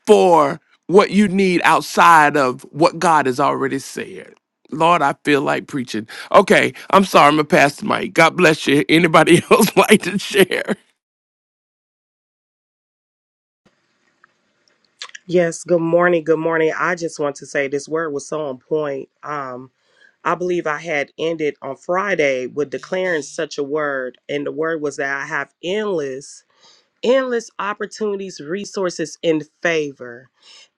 S1: for what you need outside of what God has already said. Lord, I feel like preaching. Okay, I'm sorry, I'm a pastor, Mike. God bless you. Anybody else like to share?
S5: Yes, good morning, good morning. I just want to say this word was so on point. Um, I believe I had ended on Friday with declaring such a word, and the word was that I have endless, endless opportunities, resources, and favor.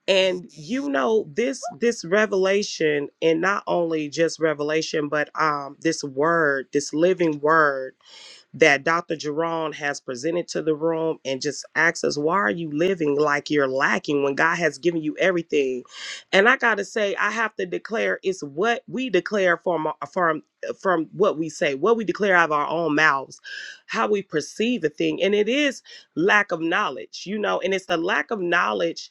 S5: and you know this this revelation and not only just revelation but um this word this living word that Dr. Jerron has presented to the room and just asks us, why are you living like you're lacking when God has given you everything? And I gotta say, I have to declare it's what we declare from our- from uh, from what we say, what we declare out of our own mouths, how we perceive a thing. And it is lack of knowledge, you know, and it's the lack of knowledge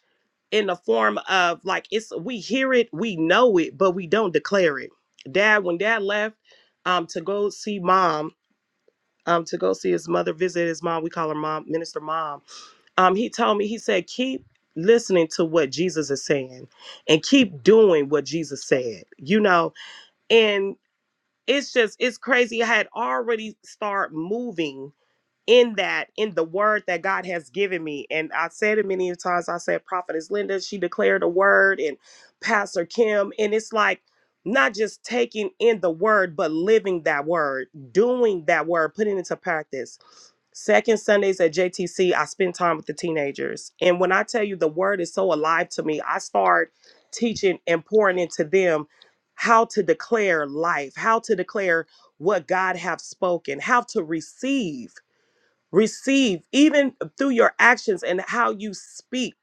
S5: in the form of like it's we hear it, we know it, but we don't declare it. Dad, when dad left um to go see mom, um, to go see his mother, visit his mom. We call her mom, Minister Mom. Um, he told me, he said, keep listening to what Jesus is saying and keep doing what Jesus said, you know, and it's just, it's crazy. I had already started moving in that in the word that god has given me and i said it many times i said prophetess linda she declared a word and pastor kim and it's like not just taking in the word but living that word doing that word putting it into practice second sundays at jtc i spend time with the teenagers and when i tell you the word is so alive to me i start teaching and pouring into them how to declare life how to declare what god have spoken how to receive receive even through your actions and how you speak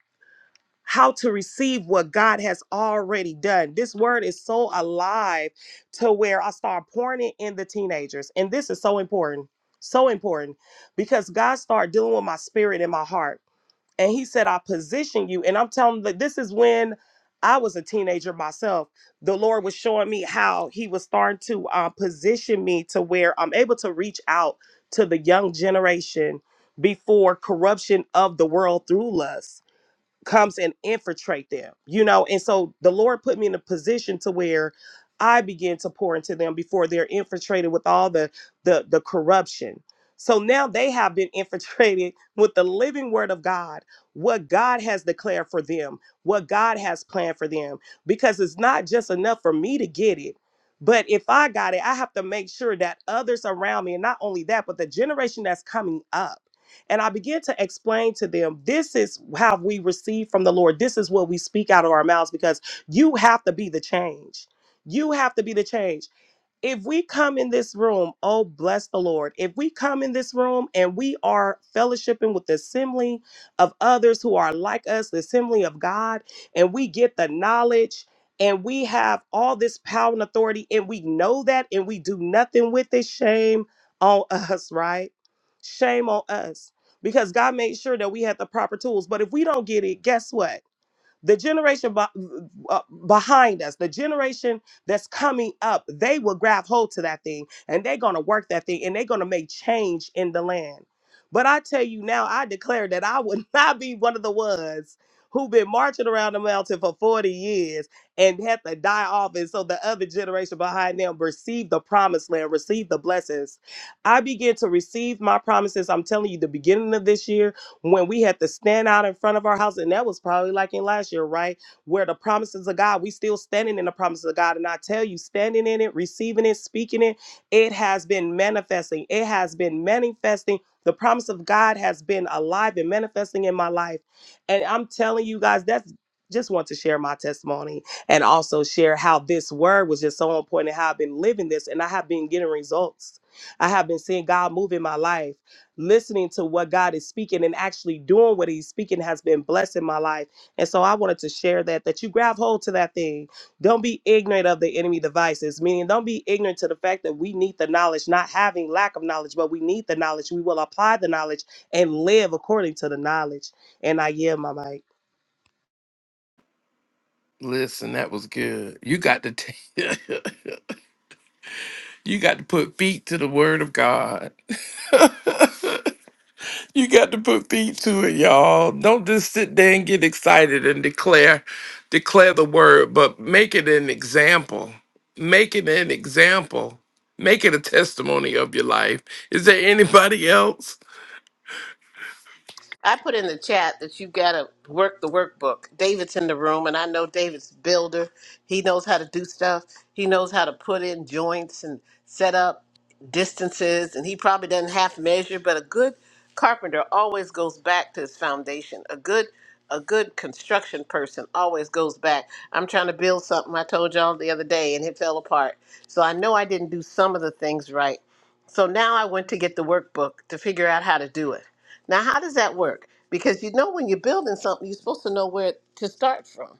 S5: how to receive what God has already done. This word is so alive to where I start pouring it in the teenagers. And this is so important. So important because God started dealing with my spirit and my heart and he said i position you and i'm telling that this is when i was a teenager myself the lord was showing me how he was starting to uh, position me to where i'm able to reach out to the young generation before corruption of the world through lust comes and infiltrate them you know and so the lord put me in a position to where i begin to pour into them before they're infiltrated with all the the, the corruption so now they have been infiltrated with the living word of god what god has declared for them what god has planned for them because it's not just enough for me to get it but if i got it i have to make sure that others around me and not only that but the generation that's coming up and I began to explain to them, this is how we receive from the Lord. This is what we speak out of our mouths because you have to be the change. You have to be the change if we come in this room, oh, bless the Lord. If we come in this room and we are fellowshipping with the assembly of others who are like us, the assembly of God, and we get the knowledge and we have all this power and authority and we know that and we do nothing with it, shame on us, right? Shame on us because God made sure that we had the proper tools. But if we don't get it, guess what? the generation be- uh, behind us, the generation that's coming up, they will grab hold to that thing and they're going to work that thing and they're going to make change in the land. But I tell you now, I declare that I would not be one of the ones who've been marching around the mountain for 40 years and had to die off. And so the other generation behind them receive the promised land, receive the blessings. I begin to receive my promises. I'm telling you, the beginning of this year, when we had to stand out in front of our house, and that was probably like in last year, right? Where the promises of God, we still standing in the promises of God. And I tell you, standing in it, receiving it, speaking it, it has been manifesting. It has been manifesting. The promise of God has been alive and manifesting in my life. And I'm telling you guys, that's just want to share my testimony and also share how this word was just so important, and how I've been living this and I have been getting results. I have been seeing God move in my life listening to what God is speaking and actually doing what he's speaking has been blessing my life. And so I wanted to share that that you grab hold to that thing. Don't be ignorant of the enemy devices, meaning don't be ignorant to the fact that we need the knowledge, not having lack of knowledge, but we need the knowledge. We will apply the knowledge and live according to the knowledge. And I yield my mic.
S1: Listen, that was good. You got to t- you got to put feet to the word of God. You got to put feet to it, y'all. Don't just sit there and get excited and declare declare the word, but make it an example. Make it an example. Make it a testimony of your life. Is there anybody else?
S4: I put in the chat that you got to work the workbook. David's in the room, and I know David's a builder. He knows how to do stuff. He knows how to put in joints and set up distances, and he probably doesn't half measure. But a good carpenter always goes back to his foundation. A good a good construction person always goes back. I'm trying to build something I told y'all the other day, and it fell apart. So I know I didn't do some of the things right. So now I went to get the workbook to figure out how to do it. Now, how does that work? Because you know, when you're building something, you're supposed to know where to start from.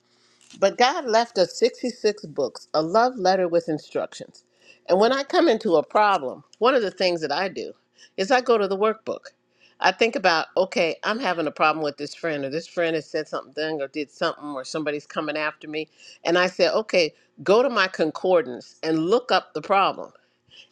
S4: But God left us 66 books, a love letter with instructions. And when I come into a problem, one of the things that I do is I go to the workbook. I think about, okay, I'm having a problem with this friend, or this friend has said something or did something, or somebody's coming after me. And I say, okay, go to my concordance and look up the problem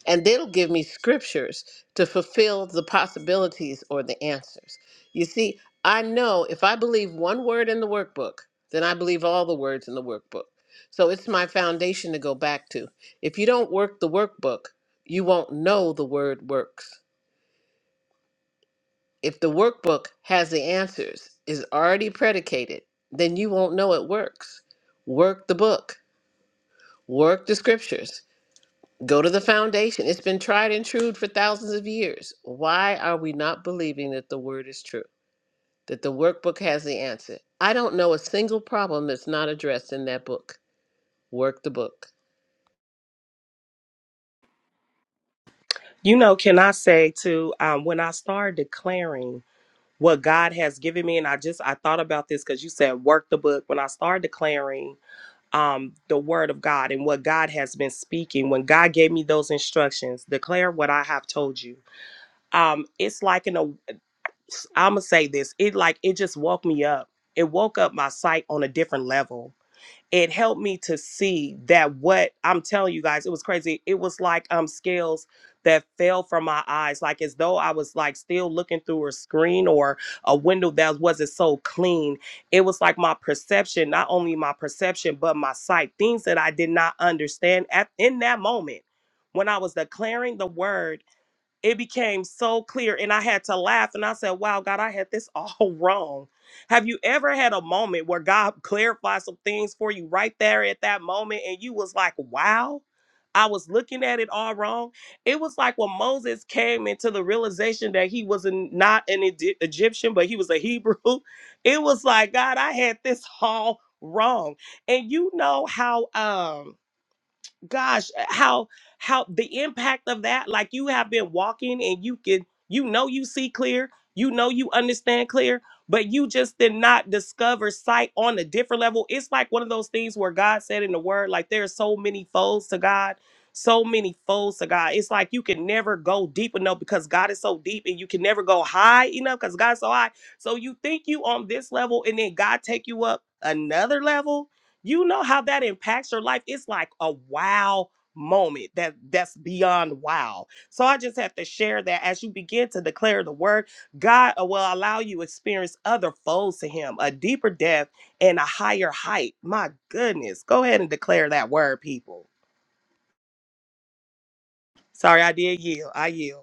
S4: and they'll give me scriptures to fulfill the possibilities or the answers. You see, I know if I believe one word in the workbook, then I believe all the words in the workbook. So it's my foundation to go back to. If you don't work the workbook, you won't know the word works. If the workbook has the answers, is already predicated, then you won't know it works. Work the book, work the scriptures, Go to the foundation. It's been tried and true for thousands of years. Why are we not believing that the word is true? That the workbook has the answer? I don't know a single problem that's not addressed in that book. Work the book.
S5: You know, can I say too, um, when I started declaring what God has given me, and I just I thought about this because you said work the book. When I started declaring um, the word of God and what God has been speaking. When God gave me those instructions, declare what I have told you. Um, it's like in i am I'm gonna say this. It like it just woke me up. It woke up my sight on a different level it helped me to see that what I'm telling you guys, it was crazy. It was like um scales that fell from my eyes, like as though I was like still looking through a screen or a window that wasn't so clean. It was like my perception, not only my perception, but my sight, things that I did not understand at in that moment when I was declaring the word it became so clear and i had to laugh and i said wow god i had this all wrong have you ever had a moment where god clarified some things for you right there at that moment and you was like wow i was looking at it all wrong it was like when moses came into the realization that he was an- not an Egy- egyptian but he was a hebrew it was like god i had this all wrong and you know how um gosh eh, how how the impact of that like you have been walking and you can you know you see clear you know you understand clear but you just did not discover sight on a different level it's like one of those things where god said in the word like there's so many folds to god so many folds to god it's like you can never go deep enough because god is so deep and you can never go high enough because god's so high so you think you on this level and then god take you up another level you know how that impacts your life it's like a wow moment that that's beyond wow so i just have to share that as you begin to declare the word god uh, will allow you experience other folds to him a deeper depth and a higher height my goodness go ahead and declare that word people sorry i did yield i yield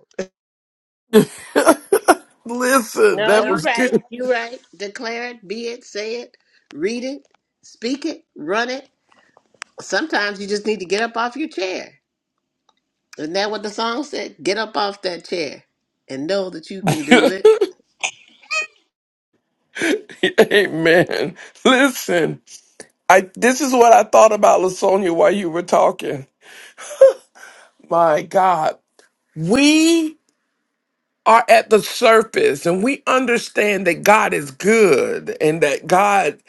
S1: Listen,
S4: No,
S1: that
S4: you
S1: was
S4: right.
S1: good.
S4: You right. Declare it, be it, say it, read it, speak it, run it. Sometimes you just need to get up off your chair. Isn't that what the song said? Get up off that chair and know that you can do it.
S1: Hey man, listen. I this is what I thought about Lasonia while you were talking. My God, we are at the surface and we understand that God is good and that God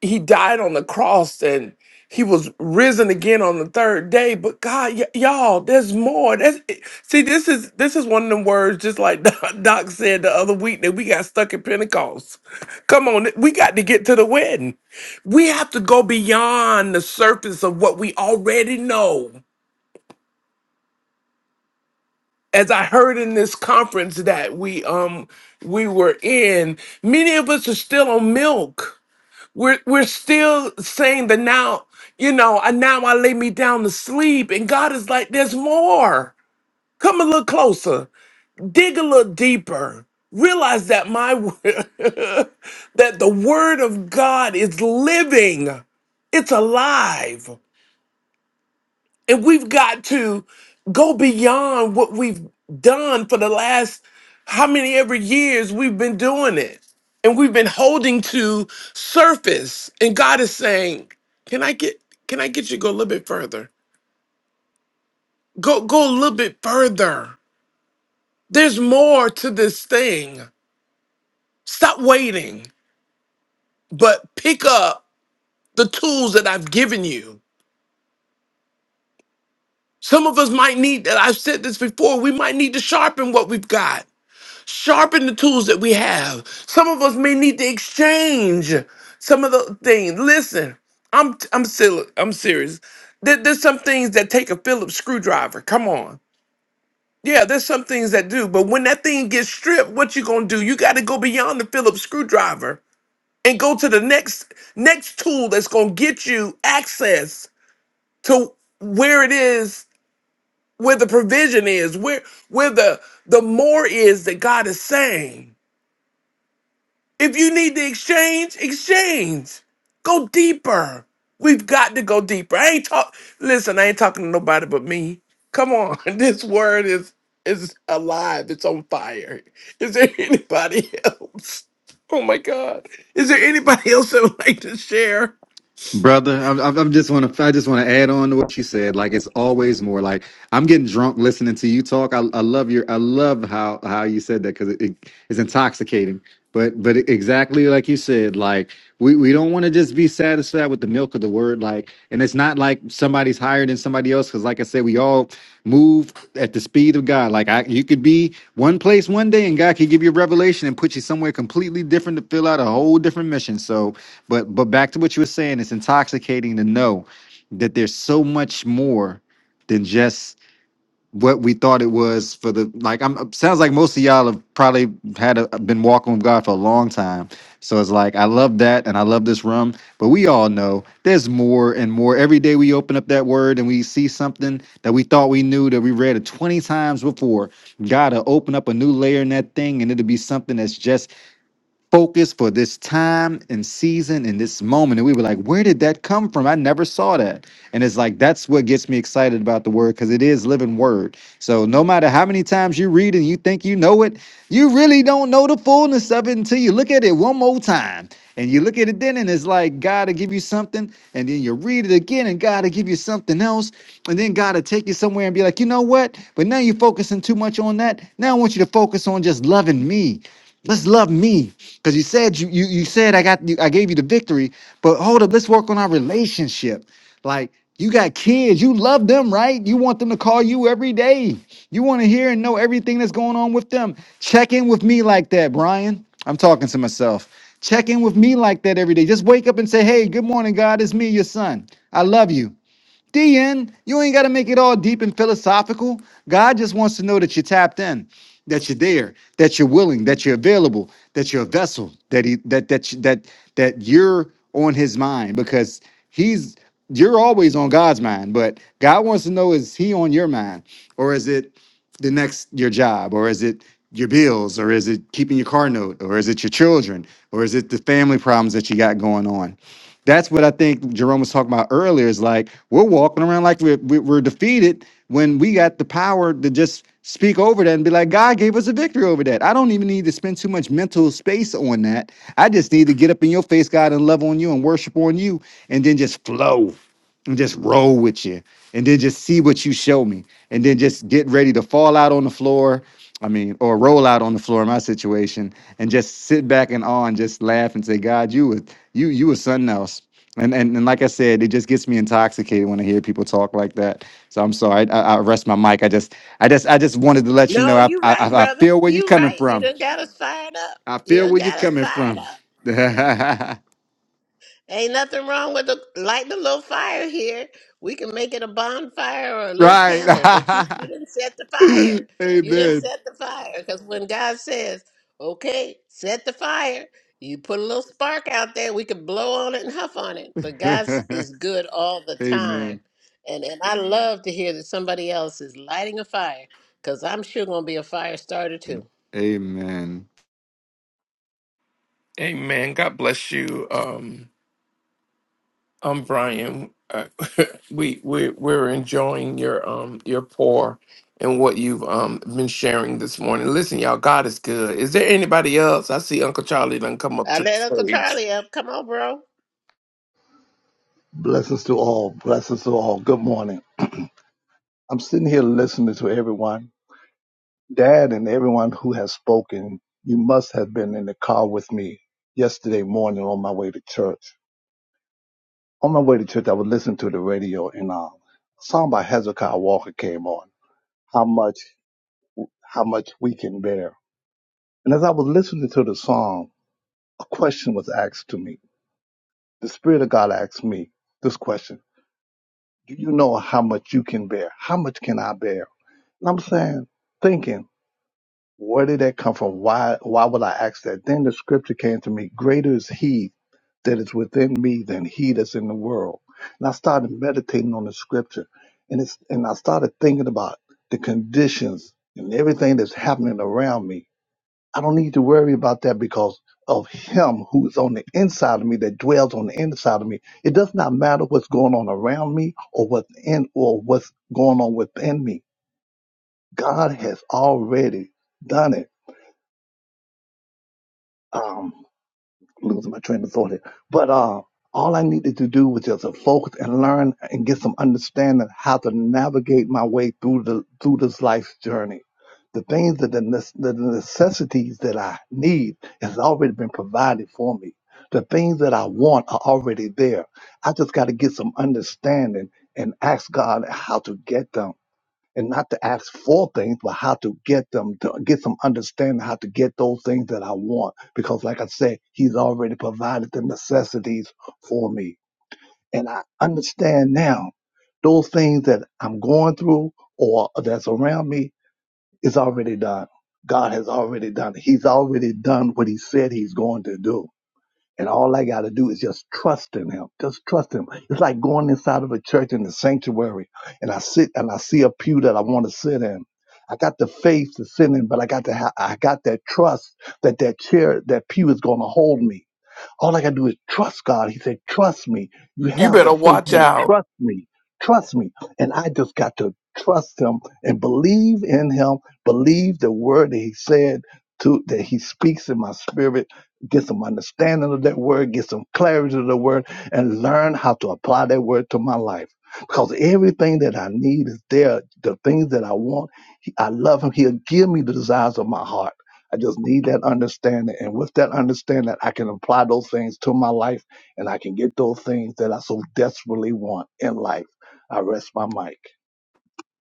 S1: he died on the cross and he was risen again on the third day but god y- y'all there's more that's see this is this is one of them words just like doc Doc said the other week that we got stuck at pentecost come on we got to get to the wedding we have to go beyond the surface of what we already know as I heard in this conference that we um we were in, many of us are still on milk. We're we're still saying that now, you know, and now I lay me down to sleep. And God is like, there's more. Come a little closer. Dig a little deeper. Realize that my that the word of God is living. It's alive. And we've got to go beyond what we've done for the last how many ever years we've been doing it. And we've been holding to surface. And God is saying, Can I get can I get you to go a little bit further? Go go a little bit further. There's more to this thing. Stop waiting, but pick up the tools that I've given you. Some of us might need, and I've said this before, we might need to sharpen what we've got sharpen the tools that we have. Some of us may need to exchange some of the things. Listen, I'm I'm silly, I'm serious. There- there's some things that take a Phillips screwdriver. Come on. Yeah, there's some things that do, but when that thing gets stripped, what you gonna do? You gotta go beyond the Phillips screwdriver and go to the next next tool that's gonna get you access to where it is, where the provision is, where where the the more is that God is saying. If you need to exchange, exchange. Go deeper. We've got to go deeper. I ain't talk. Listen, I ain't talking to nobody but me. Come on, this word is is alive. It's on fire. Is there anybody else? Oh my God. Is there anybody else that would like to share?
S6: Brother, I, I, I just want to. I just want to add on to what you said. Like it's always more. Like I'm getting drunk listening to you talk. I, I love your. I love how how you said that because it, it is intoxicating. But but exactly like you said. Like we we don't want to just be satisfied with the milk of the word. Like and it's not like somebody's higher than somebody else. Because like I said, we all move at the speed of God. Like I, you could be one place one day, and God could give you a revelation and put you somewhere completely different to fill out a whole different mission. So but but back to what you were saying, it's intoxicating to know that there's so much more than just what we thought it was for the like I'm sounds like most of y'all have probably had a, been walking with God for a long time. So it's like I love that and I love this rum, but we all know there's more and more. Every day we open up that word and we see something that we thought we knew that we read it 20 times before. Gotta open up a new layer in that thing and it'll be something that's just focus for this time and season and this moment. And we were like, where did that come from? I never saw that. And it's like, that's what gets me excited about the word because it is living word. So no matter how many times you read and you think you know it, you really don't know the fullness of it until you look at it one more time. And you look at it then, and it's like God will give you something, and then you read it again, and God will give you something else, and then God will take you somewhere and be like, you know what? But now you're focusing too much on that. Now I want you to focus on just loving me. Let's love me. Because you said you, you you said I got you, I gave you the victory, but hold up, let's work on our relationship. Like you got kids, you love them, right? You want them to call you every day. You want to hear and know everything that's going on with them. Check in with me like that, Brian. I'm talking to myself. Check in with me like that every day. Just wake up and say, "Hey, good morning, God. It's me, your son. I love you. DN, you ain't got to make it all deep and philosophical. God just wants to know that you're tapped in, that you're there, that you're willing, that you're available, that you're a vessel, that he that that that that you're on His mind because He's you're always on God's mind, but God wants to know is He on your mind or is it the next your job or is it your bills or is it keeping your car note or is it your children or is it the family problems that you got going on? That's what I think Jerome was talking about earlier. Is like we're walking around like we're we- we're defeated when we got the power to just speak over that and be like, God gave us a victory over that. I don't even need to spend too much mental space on that. I just need to get up in your face, God, and love on you and worship on you, and then just flow and just roll with you, and then just see what you show me, and then just get ready to fall out on the floor I mean, or roll out on the floor in my situation and just sit back and awe and just laugh and say, God, you was you you was something else. And, and and like I said, it just gets me intoxicated when I hear people talk like that. So I'm sorry, I, I, I rest my mic. I just I just I just wanted to let you know
S4: No,
S6: I
S4: you right,
S6: I, I
S4: brother.
S6: feel where you're
S4: You
S6: coming
S4: right. You
S6: from.
S4: done got us fired up.
S6: I
S4: You
S6: feel
S4: done
S6: where you're
S4: got us
S6: coming
S4: fired
S6: from.
S4: up. Ain't nothing wrong with the lighting a little fire here. We can make it a bonfire or a little candle, but you you
S6: right.
S4: didn't set the fire. You didn't
S6: Amen.
S4: set the fire because when God says, "Okay, set the fire," you put a little spark out there. We can blow on it and huff on it. But God is good all the
S6: Amen.
S4: time, and and I love to hear that somebody else is lighting a fire because I'm sure gonna be a fire starter too.
S6: Amen.
S1: Amen. God bless you. Um, I'm Brian. Uh, we we we're enjoying your um your pour and what you've um been sharing this morning. Listen, y'all, God is good. Is there anybody else? I see Uncle Charlie done come up
S4: I
S1: to the
S4: let Uncle
S1: stage.
S4: Charlie up. Come on, bro.
S8: Blessings to all. Blessings to all. Good morning. I'm sitting here listening to everyone, Dad, and everyone who has spoken. You must have been in the car with me yesterday morning on my way to church. On my way to church, I was listening to the radio, and um, a song by Hezekiah Walker came on. How much, how much we can bear. And as I was listening to the song, a question was asked to me. The Spirit of God asked me this question: Do you know how much you can bear? How much can I bear? And I'm saying, thinking. Where did that come from? Why why would I ask that? Then the scripture came to me, greater is he that is within me than he that's in the world. And I started meditating on the scripture and it's and I started thinking about the conditions and everything that's happening around me. I don't need to worry about that because of him who is on the inside of me that dwells on the inside of me. It does not matter what's going on around me or what's in or what's going on within me. God has already done it. Um, losing my train of thought here. But uh, all I needed to do was just focus and learn and get some understanding how to navigate my way through the through this life's journey. The things that the, nece- the necessities that I need has already been provided for me. The things that I want are already there. I just got to get some understanding and ask God how to get them and not to ask for things, but how to get them to get some understanding how to get those things that I want. Because like I said, he's already provided the necessities for me. And I understand now those things that I'm going through or that's around me is already done. God has already done it. He's already done what he said he's going to do. And all I got to do is just trust in him. Just trust him. It's like going inside of a church in the sanctuary and I sit and I see a pew that I want to sit in. I got the faith to sit in, but I got to ha- I got that trust that that chair, that pew is going to hold me. All I gotta do is trust God. He said, Trust me. You
S1: You
S8: have the
S1: better
S8: faith
S1: watch
S8: now.
S1: out.
S8: Trust me. Trust me. And I just got to trust him and believe in him, believe the word that he said to that he speaks in my spirit, get some understanding of that word, get some clarity of the word, and learn how to apply that word to my life. Because everything that I need is there. The things that I want, He- I love him. He'll give me the desires of my heart. I just need that understanding. And with that understanding, I can apply those things to my life and I can get those things that I so desperately want in life. I rest my mic.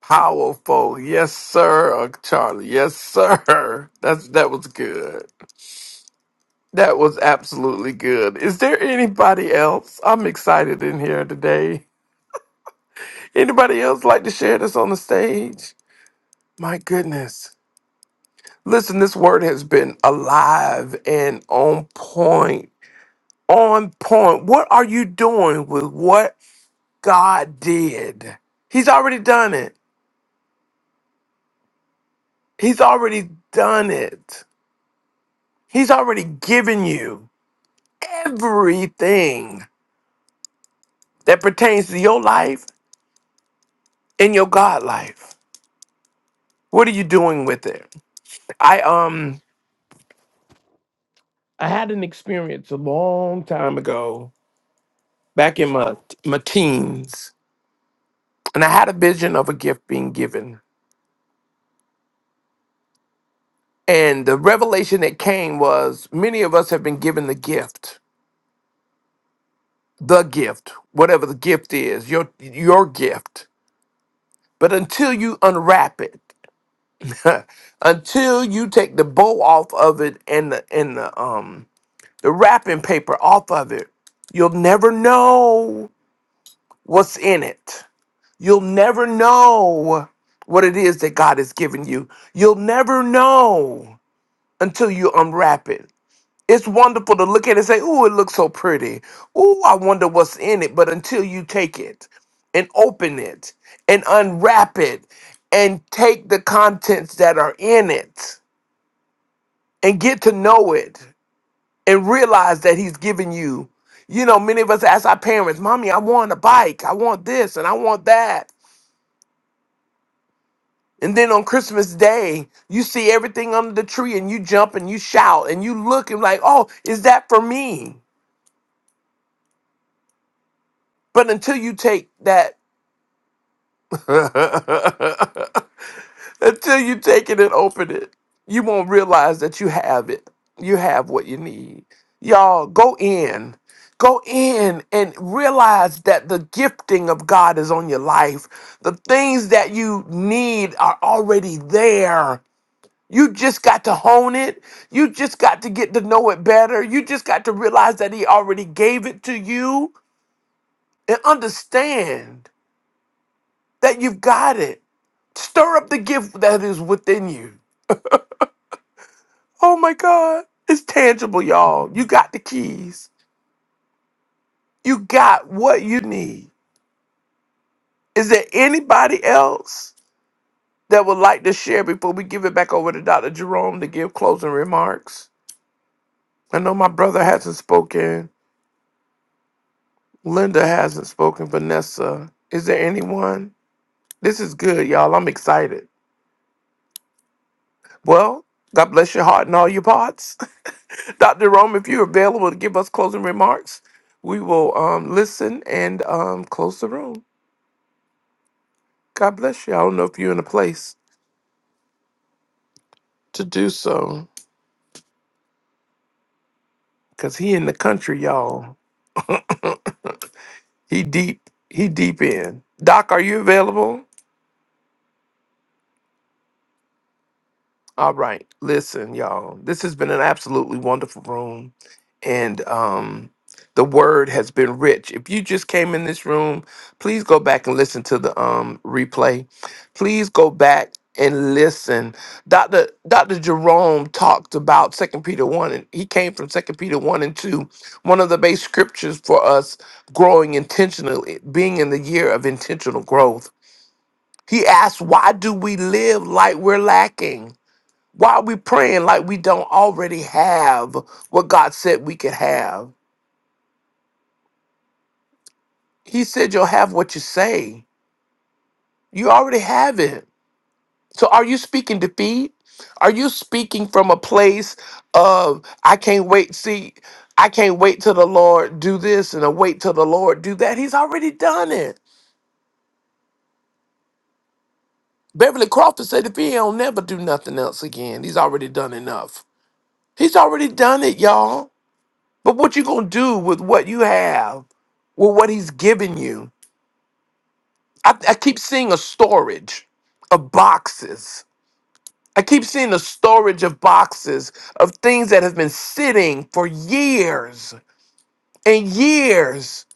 S1: Powerful, yes, sir, Uncle Charlie. Yes, sir. That's that was good. That was absolutely good. Is there anybody else? I'm excited in here today. Anybody else like to share this on the stage? My goodness. Listen, this word has been alive and on point. On point. What are you doing with what God did? He's already done it. He's already done it. He's already given you everything that pertains to your life and your God life. What are you doing with it? I um I had an experience a long time ago, back in my my teens, and I had a vision of a gift being given And the revelation that came was many of us have been given the gift, the gift, whatever the gift is, your your gift. But until you unwrap it, until you take the bow off of it and the and the um the wrapping paper off of it, you'll never know what's in it. You'll never know what it is that God has given you. You'll never know until you unwrap it. It's wonderful to look at it and say, "Ooh, it looks so pretty. Ooh, I wonder what's in it." But until you take it and open it and unwrap it and take the contents that are in it and get to know it and realize that he's given you you know, many of us ask our parents, Mommy, I want a bike. I want this and I want that. And then on Christmas Day, you see everything under the tree and you jump and you shout and you look and like, oh, is that for me? But until you take that Until you take it and open it, you won't realize that you have it. You have what you need. Y'all, go in. Go in and realize that the gifting of God is on your life. The things that you need are already there. You just got to hone it. You just got to get to know it better. You just got to realize that He already gave it to you and understand that you've got it. Stir up the gift that is within you. Oh my God. It's tangible, y'all. You got the keys. You got what you need. Is there anybody else that would like to share before we give it back over to Dr. Jerome to give closing remarks? I know my brother hasn't spoken. Linda hasn't spoken. Vanessa. Is there anyone? This is good, y'all. I'm excited. Well, God bless your heart and all your parts. Dr. Rome, if you're available to give us closing remarks, we will um, listen and um, close the room. God bless you. I don't know if you're in a place to do so because he in the country, y'all. He deep. He deep in. Doc, are you available? All right. Listen, y'all. This has been an absolutely wonderful room. And um the word has been rich. If you just came in this room, please go back and listen to the um replay. Please go back and listen. Dr. Dr. Jerome talked about Second Peter 1 and he came from Second Peter 1 and 2. One of the base scriptures for us growing intentionally, being in the year of intentional growth. He asked, "Why do we live like we're lacking?" Why are we praying like we don't already have what God said we could have? He said you'll have what you say. You already have it. So are you speaking defeat? Are you speaking from a place of I can't wait, see, I can't wait till the Lord do this and I wait till the Lord do that? He's already done it. Beverly Crawford said if he don't never do nothing else again, he's already done enough. He's already done it, y'all. But what you gonna do with what you have, with what he's given you? I, I keep seeing a storage of boxes. I keep seeing a storage of boxes of things that have been sitting for years and years.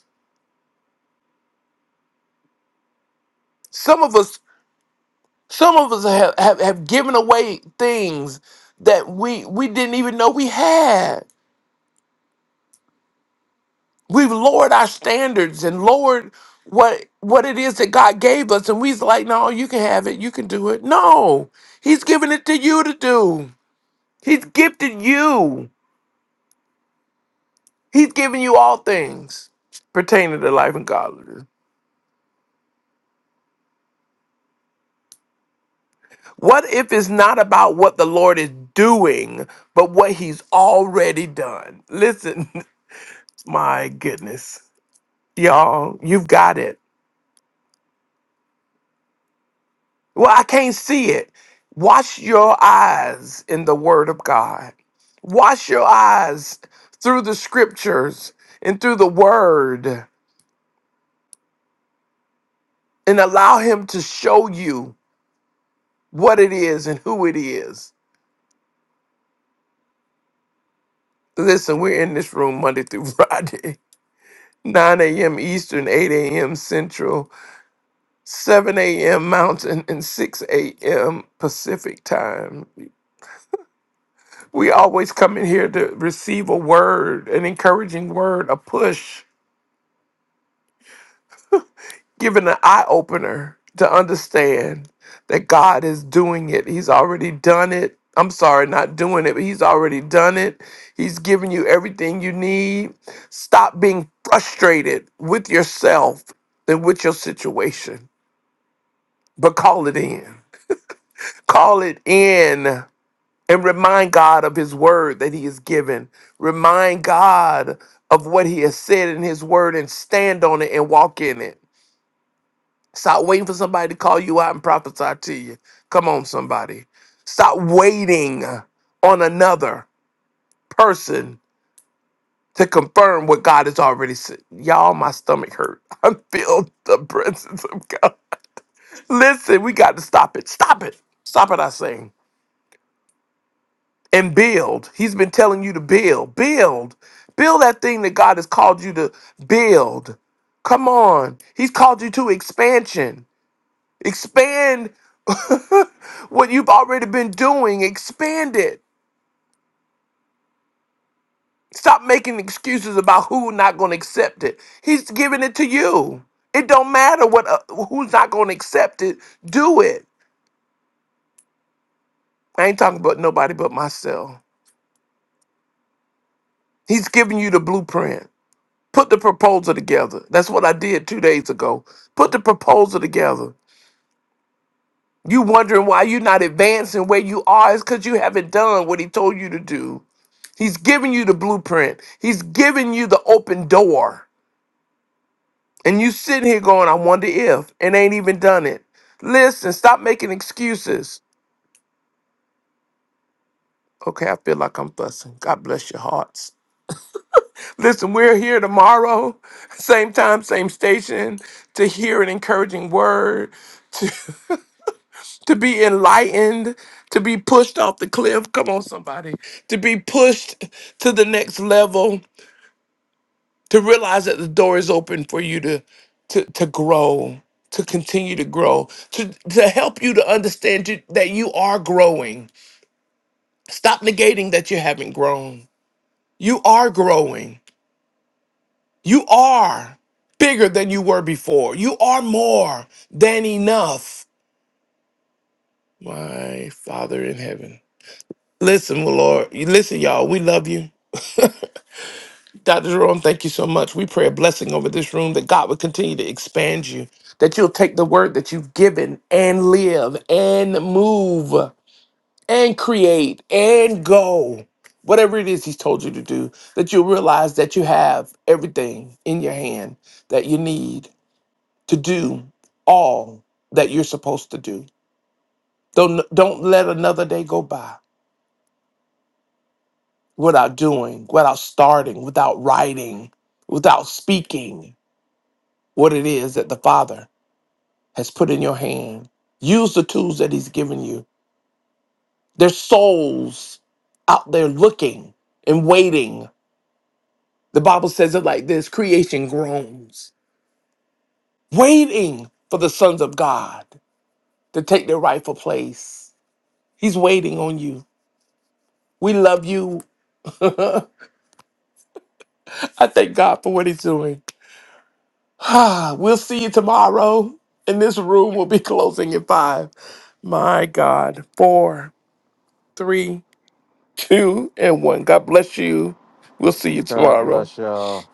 S1: Some of us, some of us have, have, have given away things that we we didn't even know we had. We've lowered our standards and lowered what what it is that God gave us, and we's like, no, you can have it, you can do it. No, He's giving it to you to do. He's gifted you. He's giving you all things pertaining to life and godliness. What if it's not about what the Lord is doing, but what He's already done? Listen, my goodness, y'all, you've got it. Well, I can't see it. Wash your eyes in the Word of God. Wash your eyes through the scriptures and through the Word and allow Him to show you what it is and who it is. Listen, we're in this room Monday through Friday, 9 a.m. Eastern, 8 a.m. Central, 7 a.m. Mountain, and 6 a.m. Pacific time. We always come in here to receive a word, an encouraging word, a push Giving an eye opener to understand that God is doing it. He's already done it. I'm sorry, not doing it, but He's already done it. He's given you everything you need. Stop being frustrated with yourself and with your situation, but call it in. Call it in and remind God of His word that He has given. Remind God of what He has said in His word and stand on it and walk in it Stop waiting for somebody to call you out and prophesy to you. Come on, somebody. Stop waiting on another person to confirm what God has already said. Y'all, my stomach hurt. I feel the presence of God. Listen, we got to stop it. Stop it. Stop it, I say. And build. He's been telling you to build. Build. Build that thing that God has called you to build. Come on. He's called you to expansion. Expand what you've already been doing. Expand it. Stop making excuses about who not going to accept it. He's giving it to you. It don't matter what uh, who's not going to accept it. Do it. I ain't talking about nobody but myself. He's giving you the blueprint. Put the proposal together. That's what I did two days ago. Put the proposal together. You wondering why you're not advancing where you are is because you haven't done what he told you to do. He's giving you the blueprint. He's giving you the open door. And you sitting here going, I wonder if, and ain't even done it. Listen, stop making excuses. Okay, I feel like I'm fussing. God bless your hearts. Listen, we're here tomorrow, same time, same station, to hear an encouraging word, to be enlightened, to be pushed off the cliff. Come on, somebody. To be pushed to the next level to realize that the door is open for you to to to grow to continue to grow to to help you to understand you, that you are growing stop negating that you haven't grown you are growing you are bigger than you were before you are more than enough my father in heaven listen lord listen y'all we love you Dr. Jerome, thank you so much. We pray a blessing over this room that God would continue to expand you, that you'll take the word that you've given and live and move and create and go. Whatever it is He's told you to do, that you'll realize that you have everything in your hand that you need to do all that you're supposed to do. Don't, don't let another day go by without doing, without starting, without writing, without speaking what it is that the Father has put in your hand. Use the tools that He's given you. There's souls out there looking and waiting. The Bible says it like this creation groans, waiting for the sons of God to take their rightful place. He's waiting on you. We love you. I thank God for what He's doing. Ah, we'll see you tomorrow. And this room will be closing at five. My God. Four, three, two and one. God bless you. We'll see you
S6: God
S1: tomorrow.
S6: bless y'all.